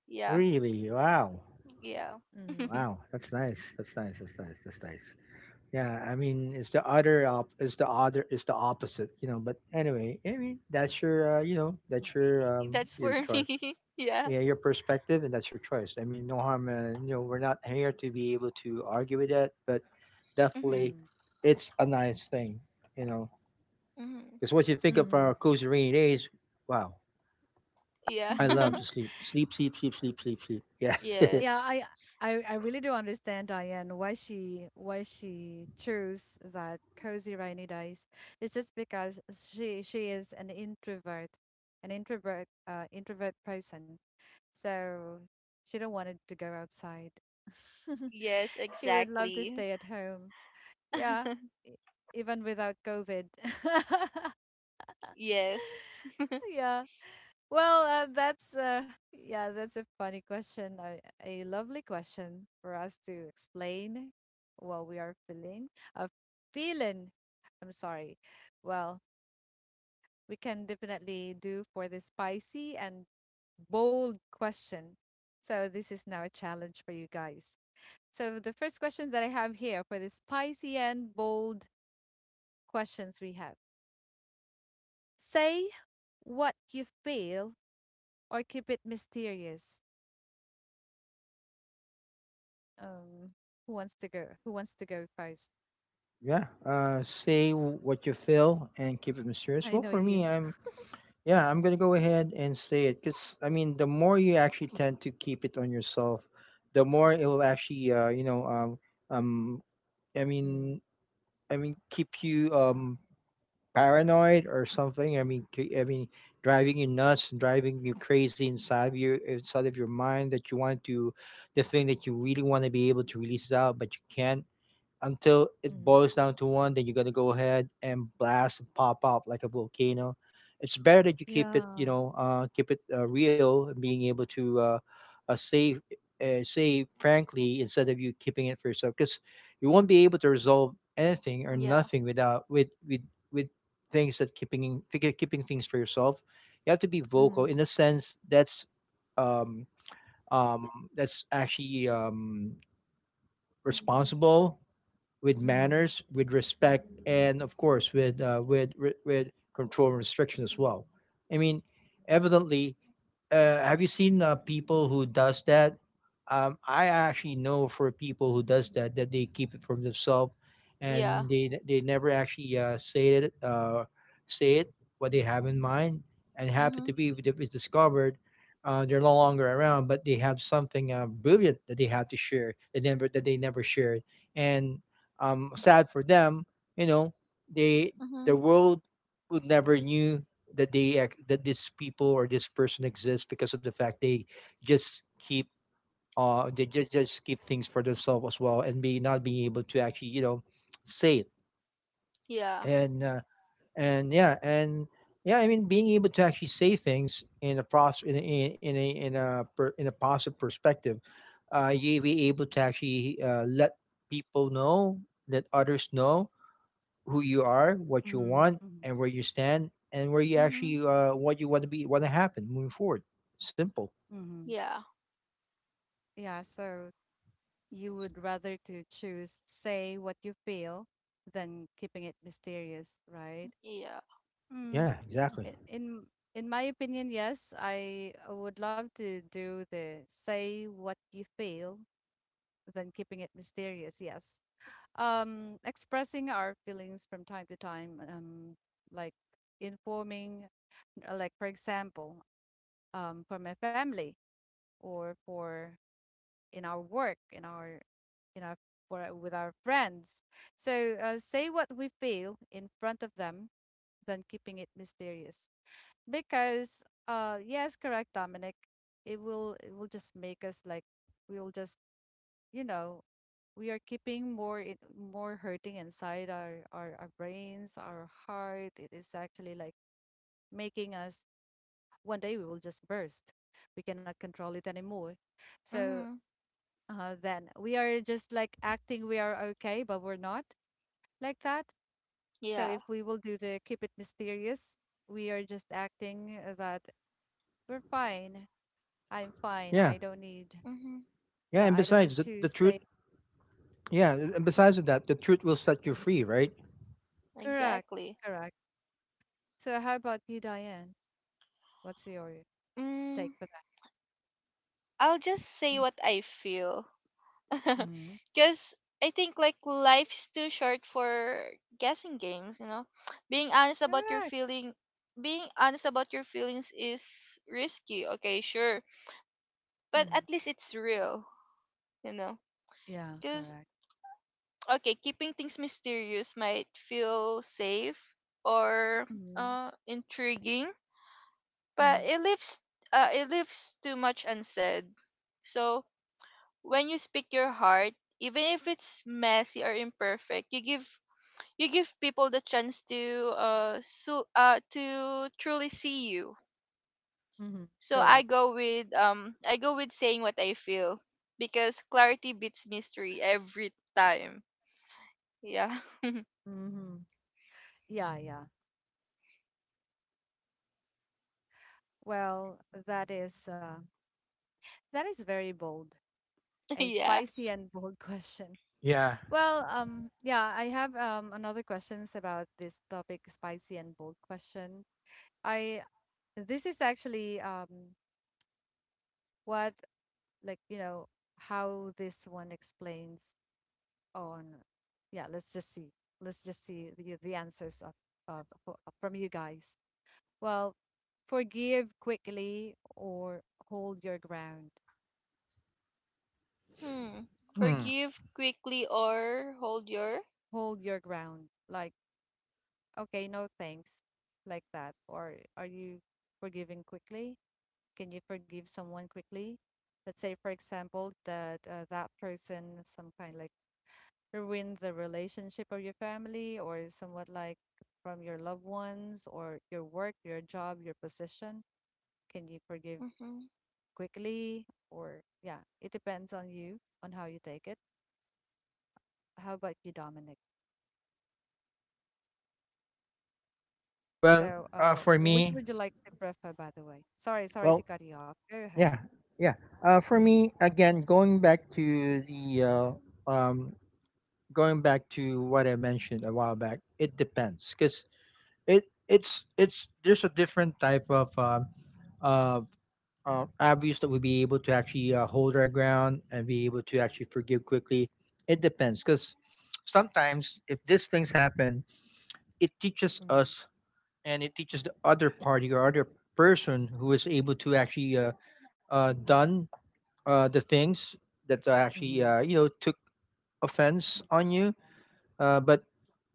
S2: Yeah,
S3: Really? Wow.
S2: yeah.
S1: Mhm.
S3: Wow. That's nice. That's nice. That's nice. That's nice. Yeah, I mean, it's the other op- it's the other it's the opposite, you know. But anyway, I mean, that's your you know that's
S2: That's
S3: your
S2: for
S3: choice,
S2: me. yeah.
S3: yeah, your perspective, and that's your choice. I mean, no harm. You know, we're not here to be able to argue with that, but
S2: Mm-hmm.
S3: definitely, it's a nice thing, you know.
S2: mm-hmm.
S3: Because what you
S1: Mhm.
S3: think of our
S1: Mhm.
S3: cozy rainy days, wow, I
S2: Yeah.
S3: love to sleep, sleep, sleep, sleep, sleep, sleep, sleep. Yeah,
S1: Yeah, I
S2: yes.
S1: I I really do understand Diane why she chose that cozy rainy days. It's just because she is an introvert introvert person. So she don't wanted to go outside.
S2: Yes,
S1: She would love to
S2: exactly.
S1: stay at home. Yeah, e- even without COVID.
S2: yes.
S1: Yeah. Well, that's yeah, that's a funny question, a lovely question for us to explain what we are feeling. A feeling, I'm sorry. Well, we can definitely do for the spicy and bold question. So this is now a challenge for you guys. So the first question that I have here for the spicy and bold questions we have. Say what you feel or keep it mysterious. Um, who wants to go? Who wants to go first?
S3: yeah. Say what you feel and keep it mysterious.
S1: I
S3: Well,
S1: know
S3: for
S1: you.
S3: me, I'm Yeah, I'm gonna go ahead and say it because I mean, the more you actually tend to keep it on yourself, the more it will actually, um, I
S1: Mm,
S3: mean, I mean, keep you paranoid or something. I mean, driving you nuts, driving you crazy inside of you, inside of your mind that you want to, the thing that you really want to be able to release it out, but you can't until it
S1: mm,
S3: boils down to one, then you're gonna go ahead and blast and pop up like a volcano. It's better that you keep it, you
S1: yeah.
S3: know, keep it real, and being able to uh, say say frankly instead of you keeping it for yourself, because you won't be able to resolve anything or
S2: Yeah.
S3: nothing without with with things that keeping things for yourself. You have to be vocal
S1: Mm,
S3: in a sense. Um, that's actually responsible with
S1: mm,
S3: manners, with respect, and of course with with control and restriction as well. I mean, evidently, have you seen people who does that? I actually know for people who does that that they keep it from themselves,
S2: Yeah.
S3: and they never actually say it what they have in mind. And happen to
S2: Mhm.
S3: be if it was discovered, they're no longer around, but they have something brilliant that they have to share that they never shared, and sad for them, you know, they the
S2: Mhm.
S3: world would never knew that that these people or this person exists because of the fact they just keep just keep things for themselves as well and be not being able to actually, you know, say it
S2: Yeah.
S3: and and yeah and yeah, I mean being able to actually say things in a process in a positive perspective, you be able to actually let people know, let others know who you are, what you
S1: mm-hmm.
S3: want,
S1: Mm-hmm.
S3: and where you stand, and where you actually
S2: Mhm.
S3: what you want to be, want to happen moving forward. Simple.
S1: Mm-hmm.
S2: Yeah.
S1: Yeah. So you would rather to choose say what you feel than keeping it mysterious, right?
S2: Yeah.
S1: Mm.
S3: Yeah, exactly.
S1: i- In in my opinion, yes, I would love to do the say what you feel than keeping it mysterious. Yes. Expressing our feelings from time to time, like informing, like for example, for my family, or for in our work, in our in our, for with our friends, so say what we feel in front of them than keeping it mysterious. Because yes, correct Dominic, it will just make us like we will just, you know we are keeping more more hurting inside our, our brains, our heart. It is actually like making us one day we will just burst, we cannot control it anymore. So
S2: Mhm.
S1: then we are just like acting we are okay but we're not, like that. So
S2: Yeah.
S1: if we will do the keep it mysterious, we are just acting that we're fine. I'm fine,
S3: Yeah,
S1: I don't need,
S2: Mhm.
S3: yeah.
S1: yeah
S3: And
S1: I don't
S3: besides
S1: need to
S3: the truth,
S1: say.
S3: yeah. And besides of that, the truth will set you free, right?
S1: Correct.
S2: Exactly.
S1: Correct. So how about you, Diane? What's your take
S2: Mm,
S1: for?
S2: I'll just
S1: Mm,
S2: say what I feel.
S1: mhm.
S2: Cuz I think like life's too short for guessing games, you know. Being honest about your
S1: Correct.
S2: feeling Being honest about your feelings is risky. Okay, sure, but
S1: Mhm.
S2: at least it's real, you know.
S1: Yeah,
S2: Because
S1: correct.
S2: okay, keeping things mysterious might feel safe or
S1: Mhm.
S2: intriguing, but
S1: Mhm.
S2: it leaves too much unsaid. So when you speak your heart, even if it's messy or imperfect, you give people the chance to to truly see you.
S1: Mhm.
S2: So
S1: Correct.
S2: I go with saying what I feel, because clarity beats mystery every time. Yeah.
S1: Mhm. Yeah, yeah. Well, that is uh, that is very bold. A
S2: yeah.
S1: spicy and bold question.
S3: Yeah.
S1: Well, yeah, I have another questions about this topic, spicy and bold question. I, this is actually what, like you know how this one explains on, yeah, let's just see. Let's just see the answers of, from you guys. Well, forgive quickly or hold your ground.
S2: Hmm.
S3: Hmm.
S2: Forgive quickly or hold your.
S1: Hold your ground. Like, okay, no thanks, like that. Or are you forgiving quickly? Can you forgive someone quickly? Let's say, for example, that that person, some kind like ruin the relationship of your family or somewhat like from your loved ones or your work, your job, your position? Can you forgive
S2: Mhm.
S1: quickly? Or, yeah, it depends on you, on how you take it. How about you, Dominic?
S3: Well,
S1: So,
S3: for
S1: which
S3: me,
S1: would you like to prefer, by the way? Sorry, sorry to
S3: well,
S1: cut you off. Go ahead.
S3: yeah, yeah. For me,
S1: Mm-hmm.
S3: again, going back to the um, going back to what I mentioned a while back, it depends because it's there's a different type of uh, obvious that we'll be able to actually hold our ground and be able to actually forgive quickly. It depends because sometimes if these things happen, it teaches us and it teaches the other party or other person who is able to actually done the things that are actually,
S1: Mm-hmm.
S3: you know, took offense on you. But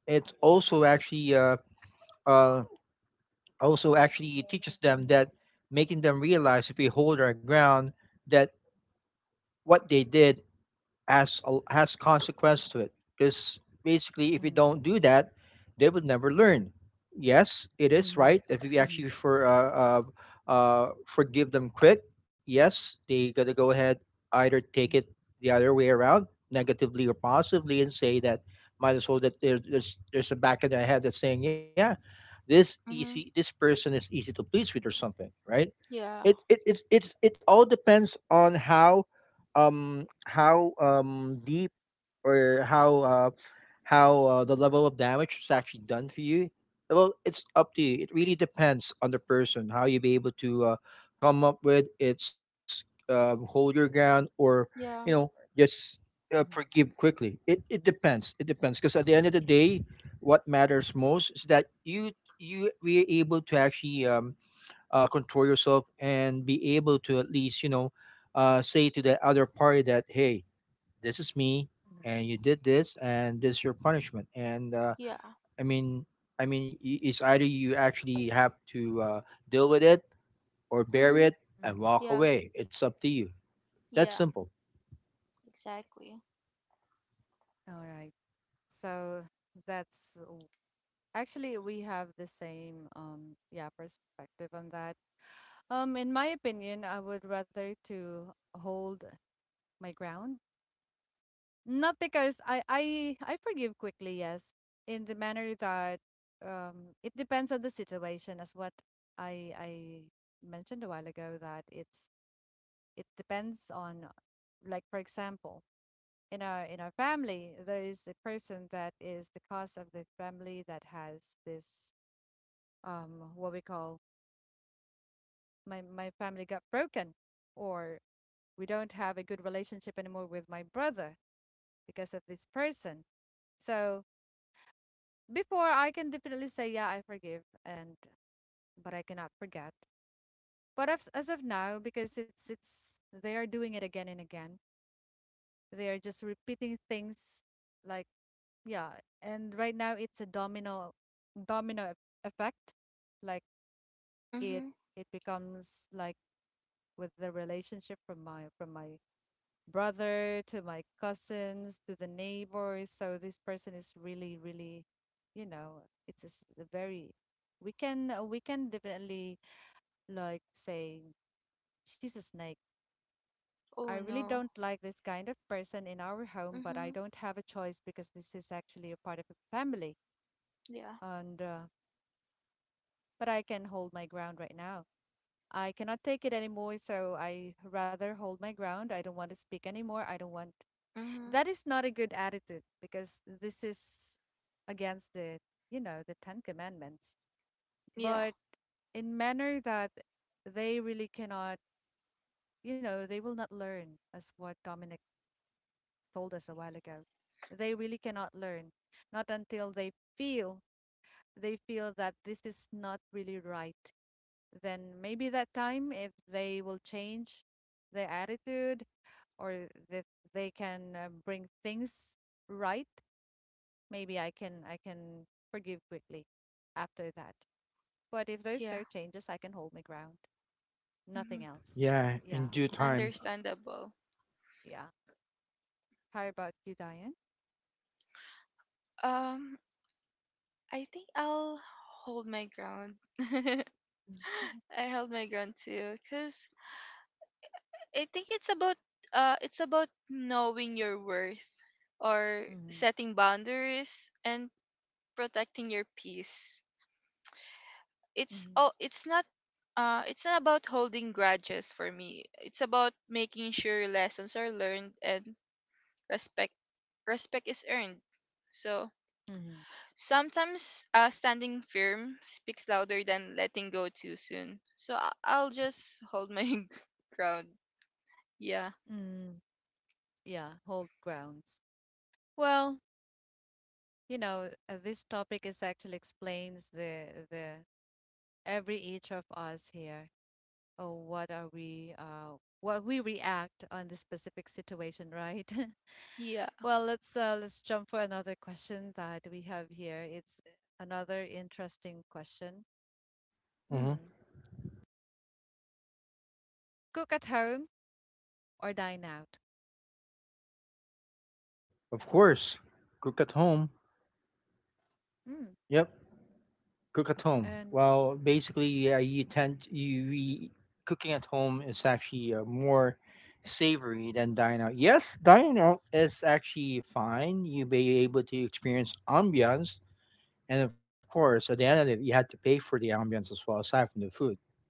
S3: it uh, also actually teaches them that, making them realize, if we hold our ground that what they did has consequence to it, because basically if you
S1: Mm-hmm.
S3: don't do that they would never learn. Yes, it is
S1: Mm-hmm. Mm-hmm.
S3: right if you
S1: Mm-hmm.
S3: actually forgive them quick. Yes, they gotta go ahead either take it the other way around negatively or positively and say that might as well that there's a back in their head that's saying, yeah, this easy,
S2: Mhm.
S3: this person is easy to please with or something, right?
S2: Yeah.
S3: It it's it all depends on how deep or how the level of damage is actually done for you. Well, it's up to you, it really depends on the person how you be able to come up with it's hold your ground or, you know,
S2: Yeah.
S3: just forgive
S1: Mm-hmm.
S3: quickly. It depends, it depends, because at the end of the day what matters most is that you we are able to actually control yourself and be able to at least, you know, say to the other party that, hey, this is me and you did this and this is your punishment, and
S2: Yeah.
S3: I mean, it's either you actually have to deal with it or bear
S2: Mhm.
S3: it and
S1: Mm-hmm.
S3: walk
S2: Yeah.
S3: away. It's up to you. That's
S2: Yeah.
S3: simple.
S2: Exactly.
S1: All right. So that's, actually, we have the same yeah perspective on that. In my opinion, I would rather to hold my ground. Not because I forgive quickly, yes, in the manner that it depends on the situation as what I mentioned a while ago. That it's, it depends on, like for example, in our family, there is a person that is the cause of the family that has this, what we call, my family got broken, or we don't have a good relationship anymore with my brother because of this person. So before I can definitely say yeah I forgive, and but I cannot forget. But as of now, because it's they are doing it again and again. They are just repeating things, like yeah, and right now it's a domino, effect, like it
S2: Mhm.
S1: it becomes like, with the relationship from my brother, to my cousins, to the neighbors. So this person is really, really, you know, it's a very, we can definitely like say, she's a snake. I
S2: Oh
S1: really
S2: no.
S1: don't like this kind of person in our home, but I
S2: Mhm.
S1: don't have a choice because this is actually a part of the family.
S2: Yeah.
S1: And but I can hold my ground right now. I cannot take it anymore, so I rather hold my ground. I don't want to speak anymore. I don't want,
S2: Mhm.
S1: that is not a good attitude, because this is against the, you know, the ten commandments.
S2: Yeah.
S1: But in manner that they really cannot, you know, they will not learn, as what Dominic told us a while ago, they really cannot learn, not until they feel, they feel that this is not really right. Then maybe that time if they will change their attitude, or that they can bring things right, maybe I can forgive quickly after that. But if there's
S2: Yeah.
S1: no changes, I can hold my ground. Nothing
S2: Mhm.
S1: else.
S3: Yeah, in
S1: Yeah,
S3: due time.
S2: Understandable.
S1: yeah. How about you, Diane?
S2: Um I think I'll hold my ground. I held my ground too, cause I think it's about knowing your worth, or
S1: Mm-hmm.
S2: setting boundaries and protecting your peace. It's
S1: Mm-hmm.
S2: oh it's not it's not about holding grudges for me. It's about making sure lessons are learned, and respect respect is earned. So
S1: Mm-hmm.
S2: sometimes standing firm speaks louder than letting go too soon. So I'll just hold my ground. Yeah.
S1: Mm-hmm. Yeah, hold grounds. Well, you know, this topic is actually explains the every each of us here. Oh, what are we? What we react on the specific situation, right?
S2: Yeah.
S1: Well, let's jump for another question that we have here. It's another interesting question.
S3: Hmm.
S1: Hmm. Cook at home or dine out?
S3: Of course, cook at home.
S1: Hmm.
S3: Yep. Cook at home.
S1: And
S3: Well, basically, yeah, you tend you we, cooking at home is actually more savory than dining out. Yes, dining out is actually fine. You may be able to experience ambiance, and of course, at the end of it, you had to pay for the ambience as well, aside from the food,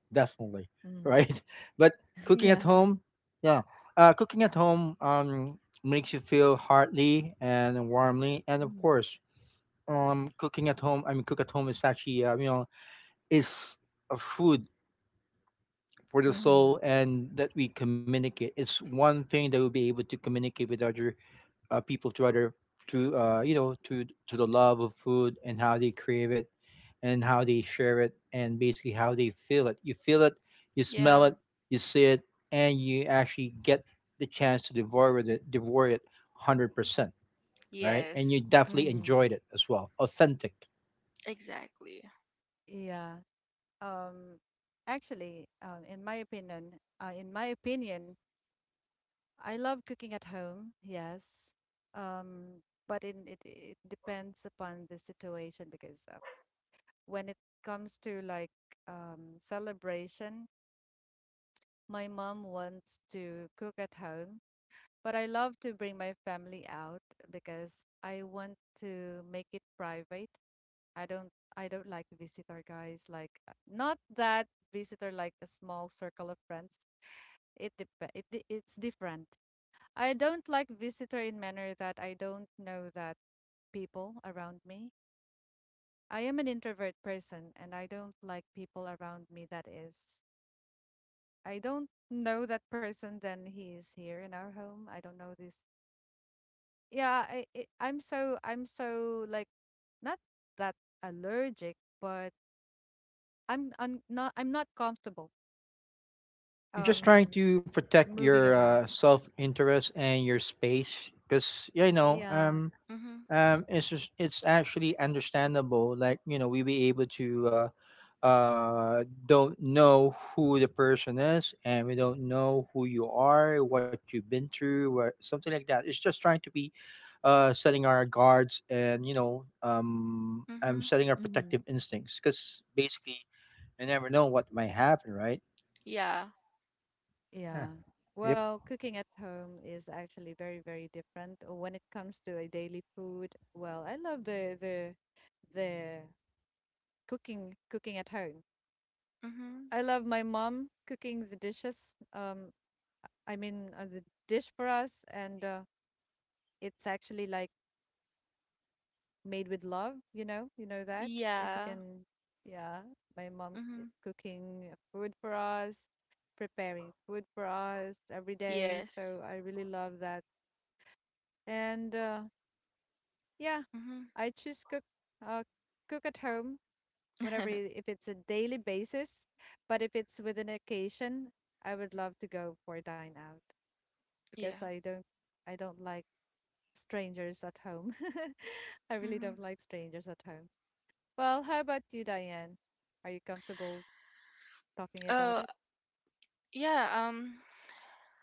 S3: definitely,
S1: mm.
S3: right? But cooking at
S1: Yeah.
S3: home, yeah, cooking at home makes you feel heartily and warmly, and of
S1: Mm.
S3: course, cooking at home. I mean, cook at home is actually, you know, is a food for the
S1: Mm-hmm.
S3: soul, and that we communicate. It's one thing that we'll be able to communicate with other people to other to you know, to the love of food and how they crave it and how they share it and basically how they feel it, you feel it, you smell
S2: Yeah.
S3: it, you see it, and you actually get the chance to devour it, devour it 100% right, and you
S2: Yes.
S3: definitely
S1: Mm-hmm.
S3: enjoyed it as well, authentic.
S2: Exactly.
S1: Yeah. Um. Actually, in my opinion, uh, in my opinion, I love cooking at home. Yes. Um. But in, it depends upon the situation, because when it comes to like celebration. My mom wants to cook at home, but I love to bring my family out because I want to make it private. I don't, I don't like visitor guys, like not that visitor, like a small circle of friends. It dep it di- it's different. I don't like visitor in manner that I don't know that people around me. I am an introvert person and I don't like people around me that is. I don't know that person then he is here in our home. I don't know this. Yeah, I'm so like not that allergic, but I'm not I'm not comfortable,
S3: You're just trying
S1: um
S3: to protect
S1: moving
S3: your
S1: around.
S3: self-interest and your space because, yeah, you know,
S1: Yeah.
S2: Mhm.
S3: it's just, it's actually understandable, like, you know, we be able to don't know who the person is and we don't know who you are, what you've been through or something like that. It's just trying to be setting our guards and, you know, I'm
S2: Mhm.
S3: setting our
S1: Mm-hmm.
S3: protective instincts because basically you never know what might happen, right?
S2: Yeah.
S3: Yeah.
S1: Yeah.
S3: Yep.
S1: Well, cooking at home is actually very, very different when it comes to a daily food. Well, I love the cooking at home.
S2: Mhm.
S1: I love my mom cooking the dishes. I mean, the dish for us, and it's actually like made with love, you know that. If you
S2: Yeah.
S1: can, yeah, my mom
S2: Mhm.
S1: cooking food for us, preparing food for us every day.
S2: Yes.
S1: So I really love that. And yeah,
S2: Mhm.
S1: I choose cook, uh, cook at home whenever, if it's a daily basis, but if it's with an occasion, I would love to go for dine out
S2: yeah.
S1: because I don't, I don't like strangers at home. I really
S2: Mhm.
S1: don't like strangers at home. Well, how about you, Diane? Are you comfortable talking about
S2: Oh,
S1: it?
S2: yeah.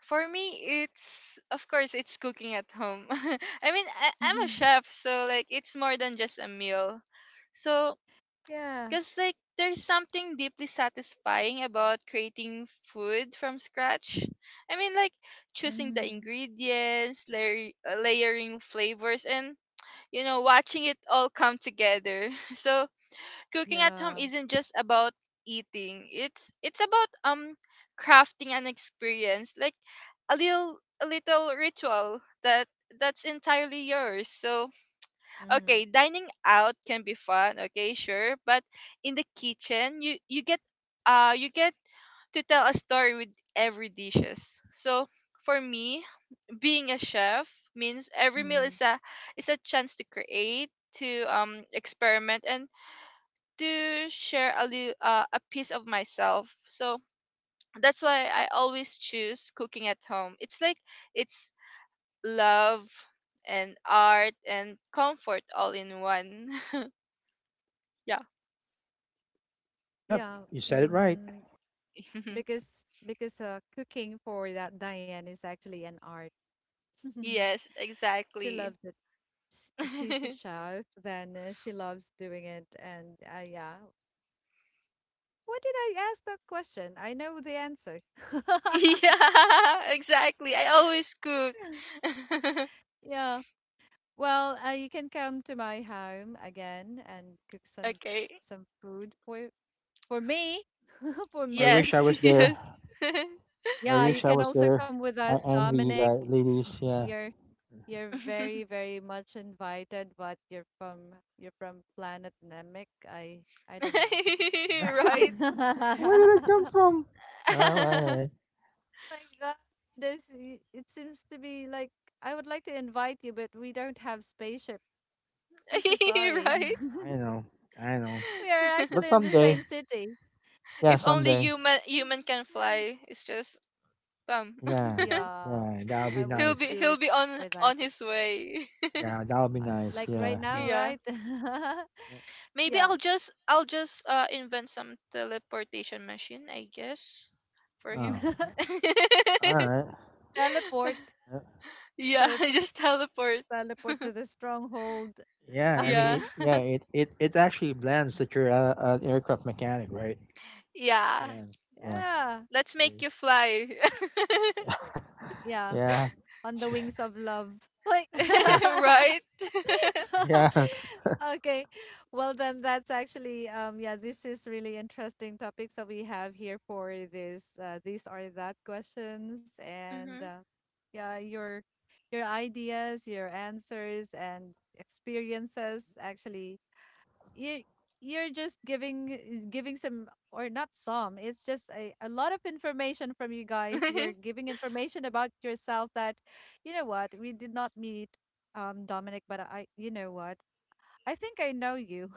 S2: For me it's of course it's cooking at home. I mean, I'm a
S1: Mm-hmm.
S2: chef, so like it's more than just a meal. So,
S1: Yeah.
S2: because, like, there's something deeply satisfying about creating food from scratch. I mean, like, choosing the
S1: Mm-hmm.
S2: ingredients, layering flavors, and, you know, watching it all come together. So, cooking at home
S1: Yeah.
S2: isn't just about eating, it's about, crafting an experience, like a little ritual that that's entirely yours. So,
S1: Mm-hmm.
S2: okay, dining out can be fun, okay, sure, but in the kitchen, you get uh you get to tell a story with every dishes. So, for me, being a chef means every meal
S1: Mm-hmm.
S2: is a chance to create, to experiment, and to share a little, a piece of myself. So, that's why I always choose cooking at home. It's like it's love and art and comfort all in one.
S3: Yep.
S1: Yeah.
S3: You said it right.
S1: Mm, because cooking for that Diane is actually an art.
S2: yes,
S1: She
S2: exactly.
S1: loves it. She's a
S2: yeah,
S1: chef, then she loves doing it. And yeah, why did I ask that question? I know the answer.
S2: exactly. I always cook.
S1: Yeah. Well, you can come to my home again and cook some
S2: okay.
S1: some food for me. For
S3: I
S1: me.
S3: wish I
S2: Yes,
S3: was there.
S2: yes.
S3: I
S1: Yeah,
S3: wish
S1: you
S3: I
S1: can
S3: was
S1: also
S3: there.
S1: come with
S3: I
S1: us,
S3: envy you
S1: Dominic.
S3: guys, ladies. Yeah.
S1: You're you're very, very much invited, but you're from, you're from Planet Namek. I don't know.
S2: right.
S3: Where did it come from? Anyway,
S1: Oh my God, this it seems to be like I would like to invite you, but we don't have spaceship. I'm so sorry.
S2: right.
S3: I know, I know.
S1: We are
S3: But
S1: actually in the same city.
S2: if only
S3: someday,
S2: human human can
S1: Yeah.
S2: fly, it's just bam.
S3: yeah,
S1: Yeah,
S3: yeah, that'll
S1: I
S3: be
S1: will just
S3: nice.
S1: do a
S2: He'll be
S1: script
S2: on
S1: for that.
S2: his way.
S3: Yeah, that'll be
S1: Uh,
S3: nice.
S1: Like right
S3: Yeah, yeah.
S1: now,
S2: Yeah.
S1: right?
S3: Yeah.
S2: Maybe
S1: Yeah.
S2: I'll just invent some teleportation machine, I guess, for
S3: Oh,
S2: him.
S3: all right.
S1: Teleport.
S3: Uh,
S2: yeah,
S1: So
S2: just teleport.
S1: teleport to the stronghold.
S3: yeah, I
S2: Yeah.
S3: mean, it it actually blends that you're a, an aircraft mechanic, right?
S2: yeah.
S3: Yeah, yeah,
S1: Yeah.
S2: Let's make you fly.
S1: Yeah.
S3: yeah,
S1: On the wings of love. Wait.
S2: right?
S3: yeah.
S1: Okay. Well, then that's actually yeah, this is really interesting topics that we have here for this, these are that questions. And
S2: Mhm.
S1: yeah, your ideas, your answers and experiences, actually you, you're just giving giving some, or not some, it's just a lot of information from you guys. You're giving information about yourself that, you know what, we did not meet, Dominic, but I, you know what, I think I know you.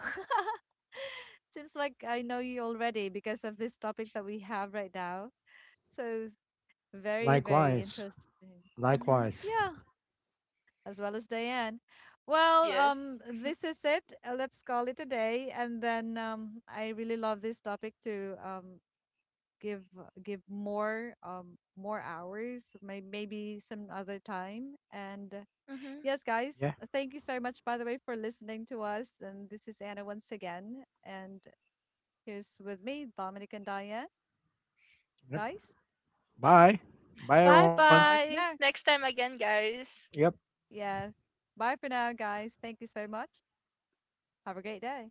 S1: Seems like I know you already because of these topics that we have right now. So it's very very
S3: Likewise,
S1: interesting.
S2: mhm.
S3: likewise.
S1: Yeah, as well as Diane. Well,
S2: Yes.
S1: this is it. Let's call it a day. And then I really love this topic to give give more, more hours, maybe some other time. And
S2: Mhm.
S1: yes, guys,
S3: Yeah.
S1: thank you so much, by the way, for listening to us. And this is Anna once again. And here's with me, Dominic and Diane.
S3: Yep.
S1: Guys,
S3: Bye, bye,
S2: Bye
S3: everyone.
S1: bye for
S2: bye.
S1: now.
S2: Next time again,
S3: Yep.
S2: guys.
S1: Yeah, bye for now, guys. Thank you so much. Have a great day.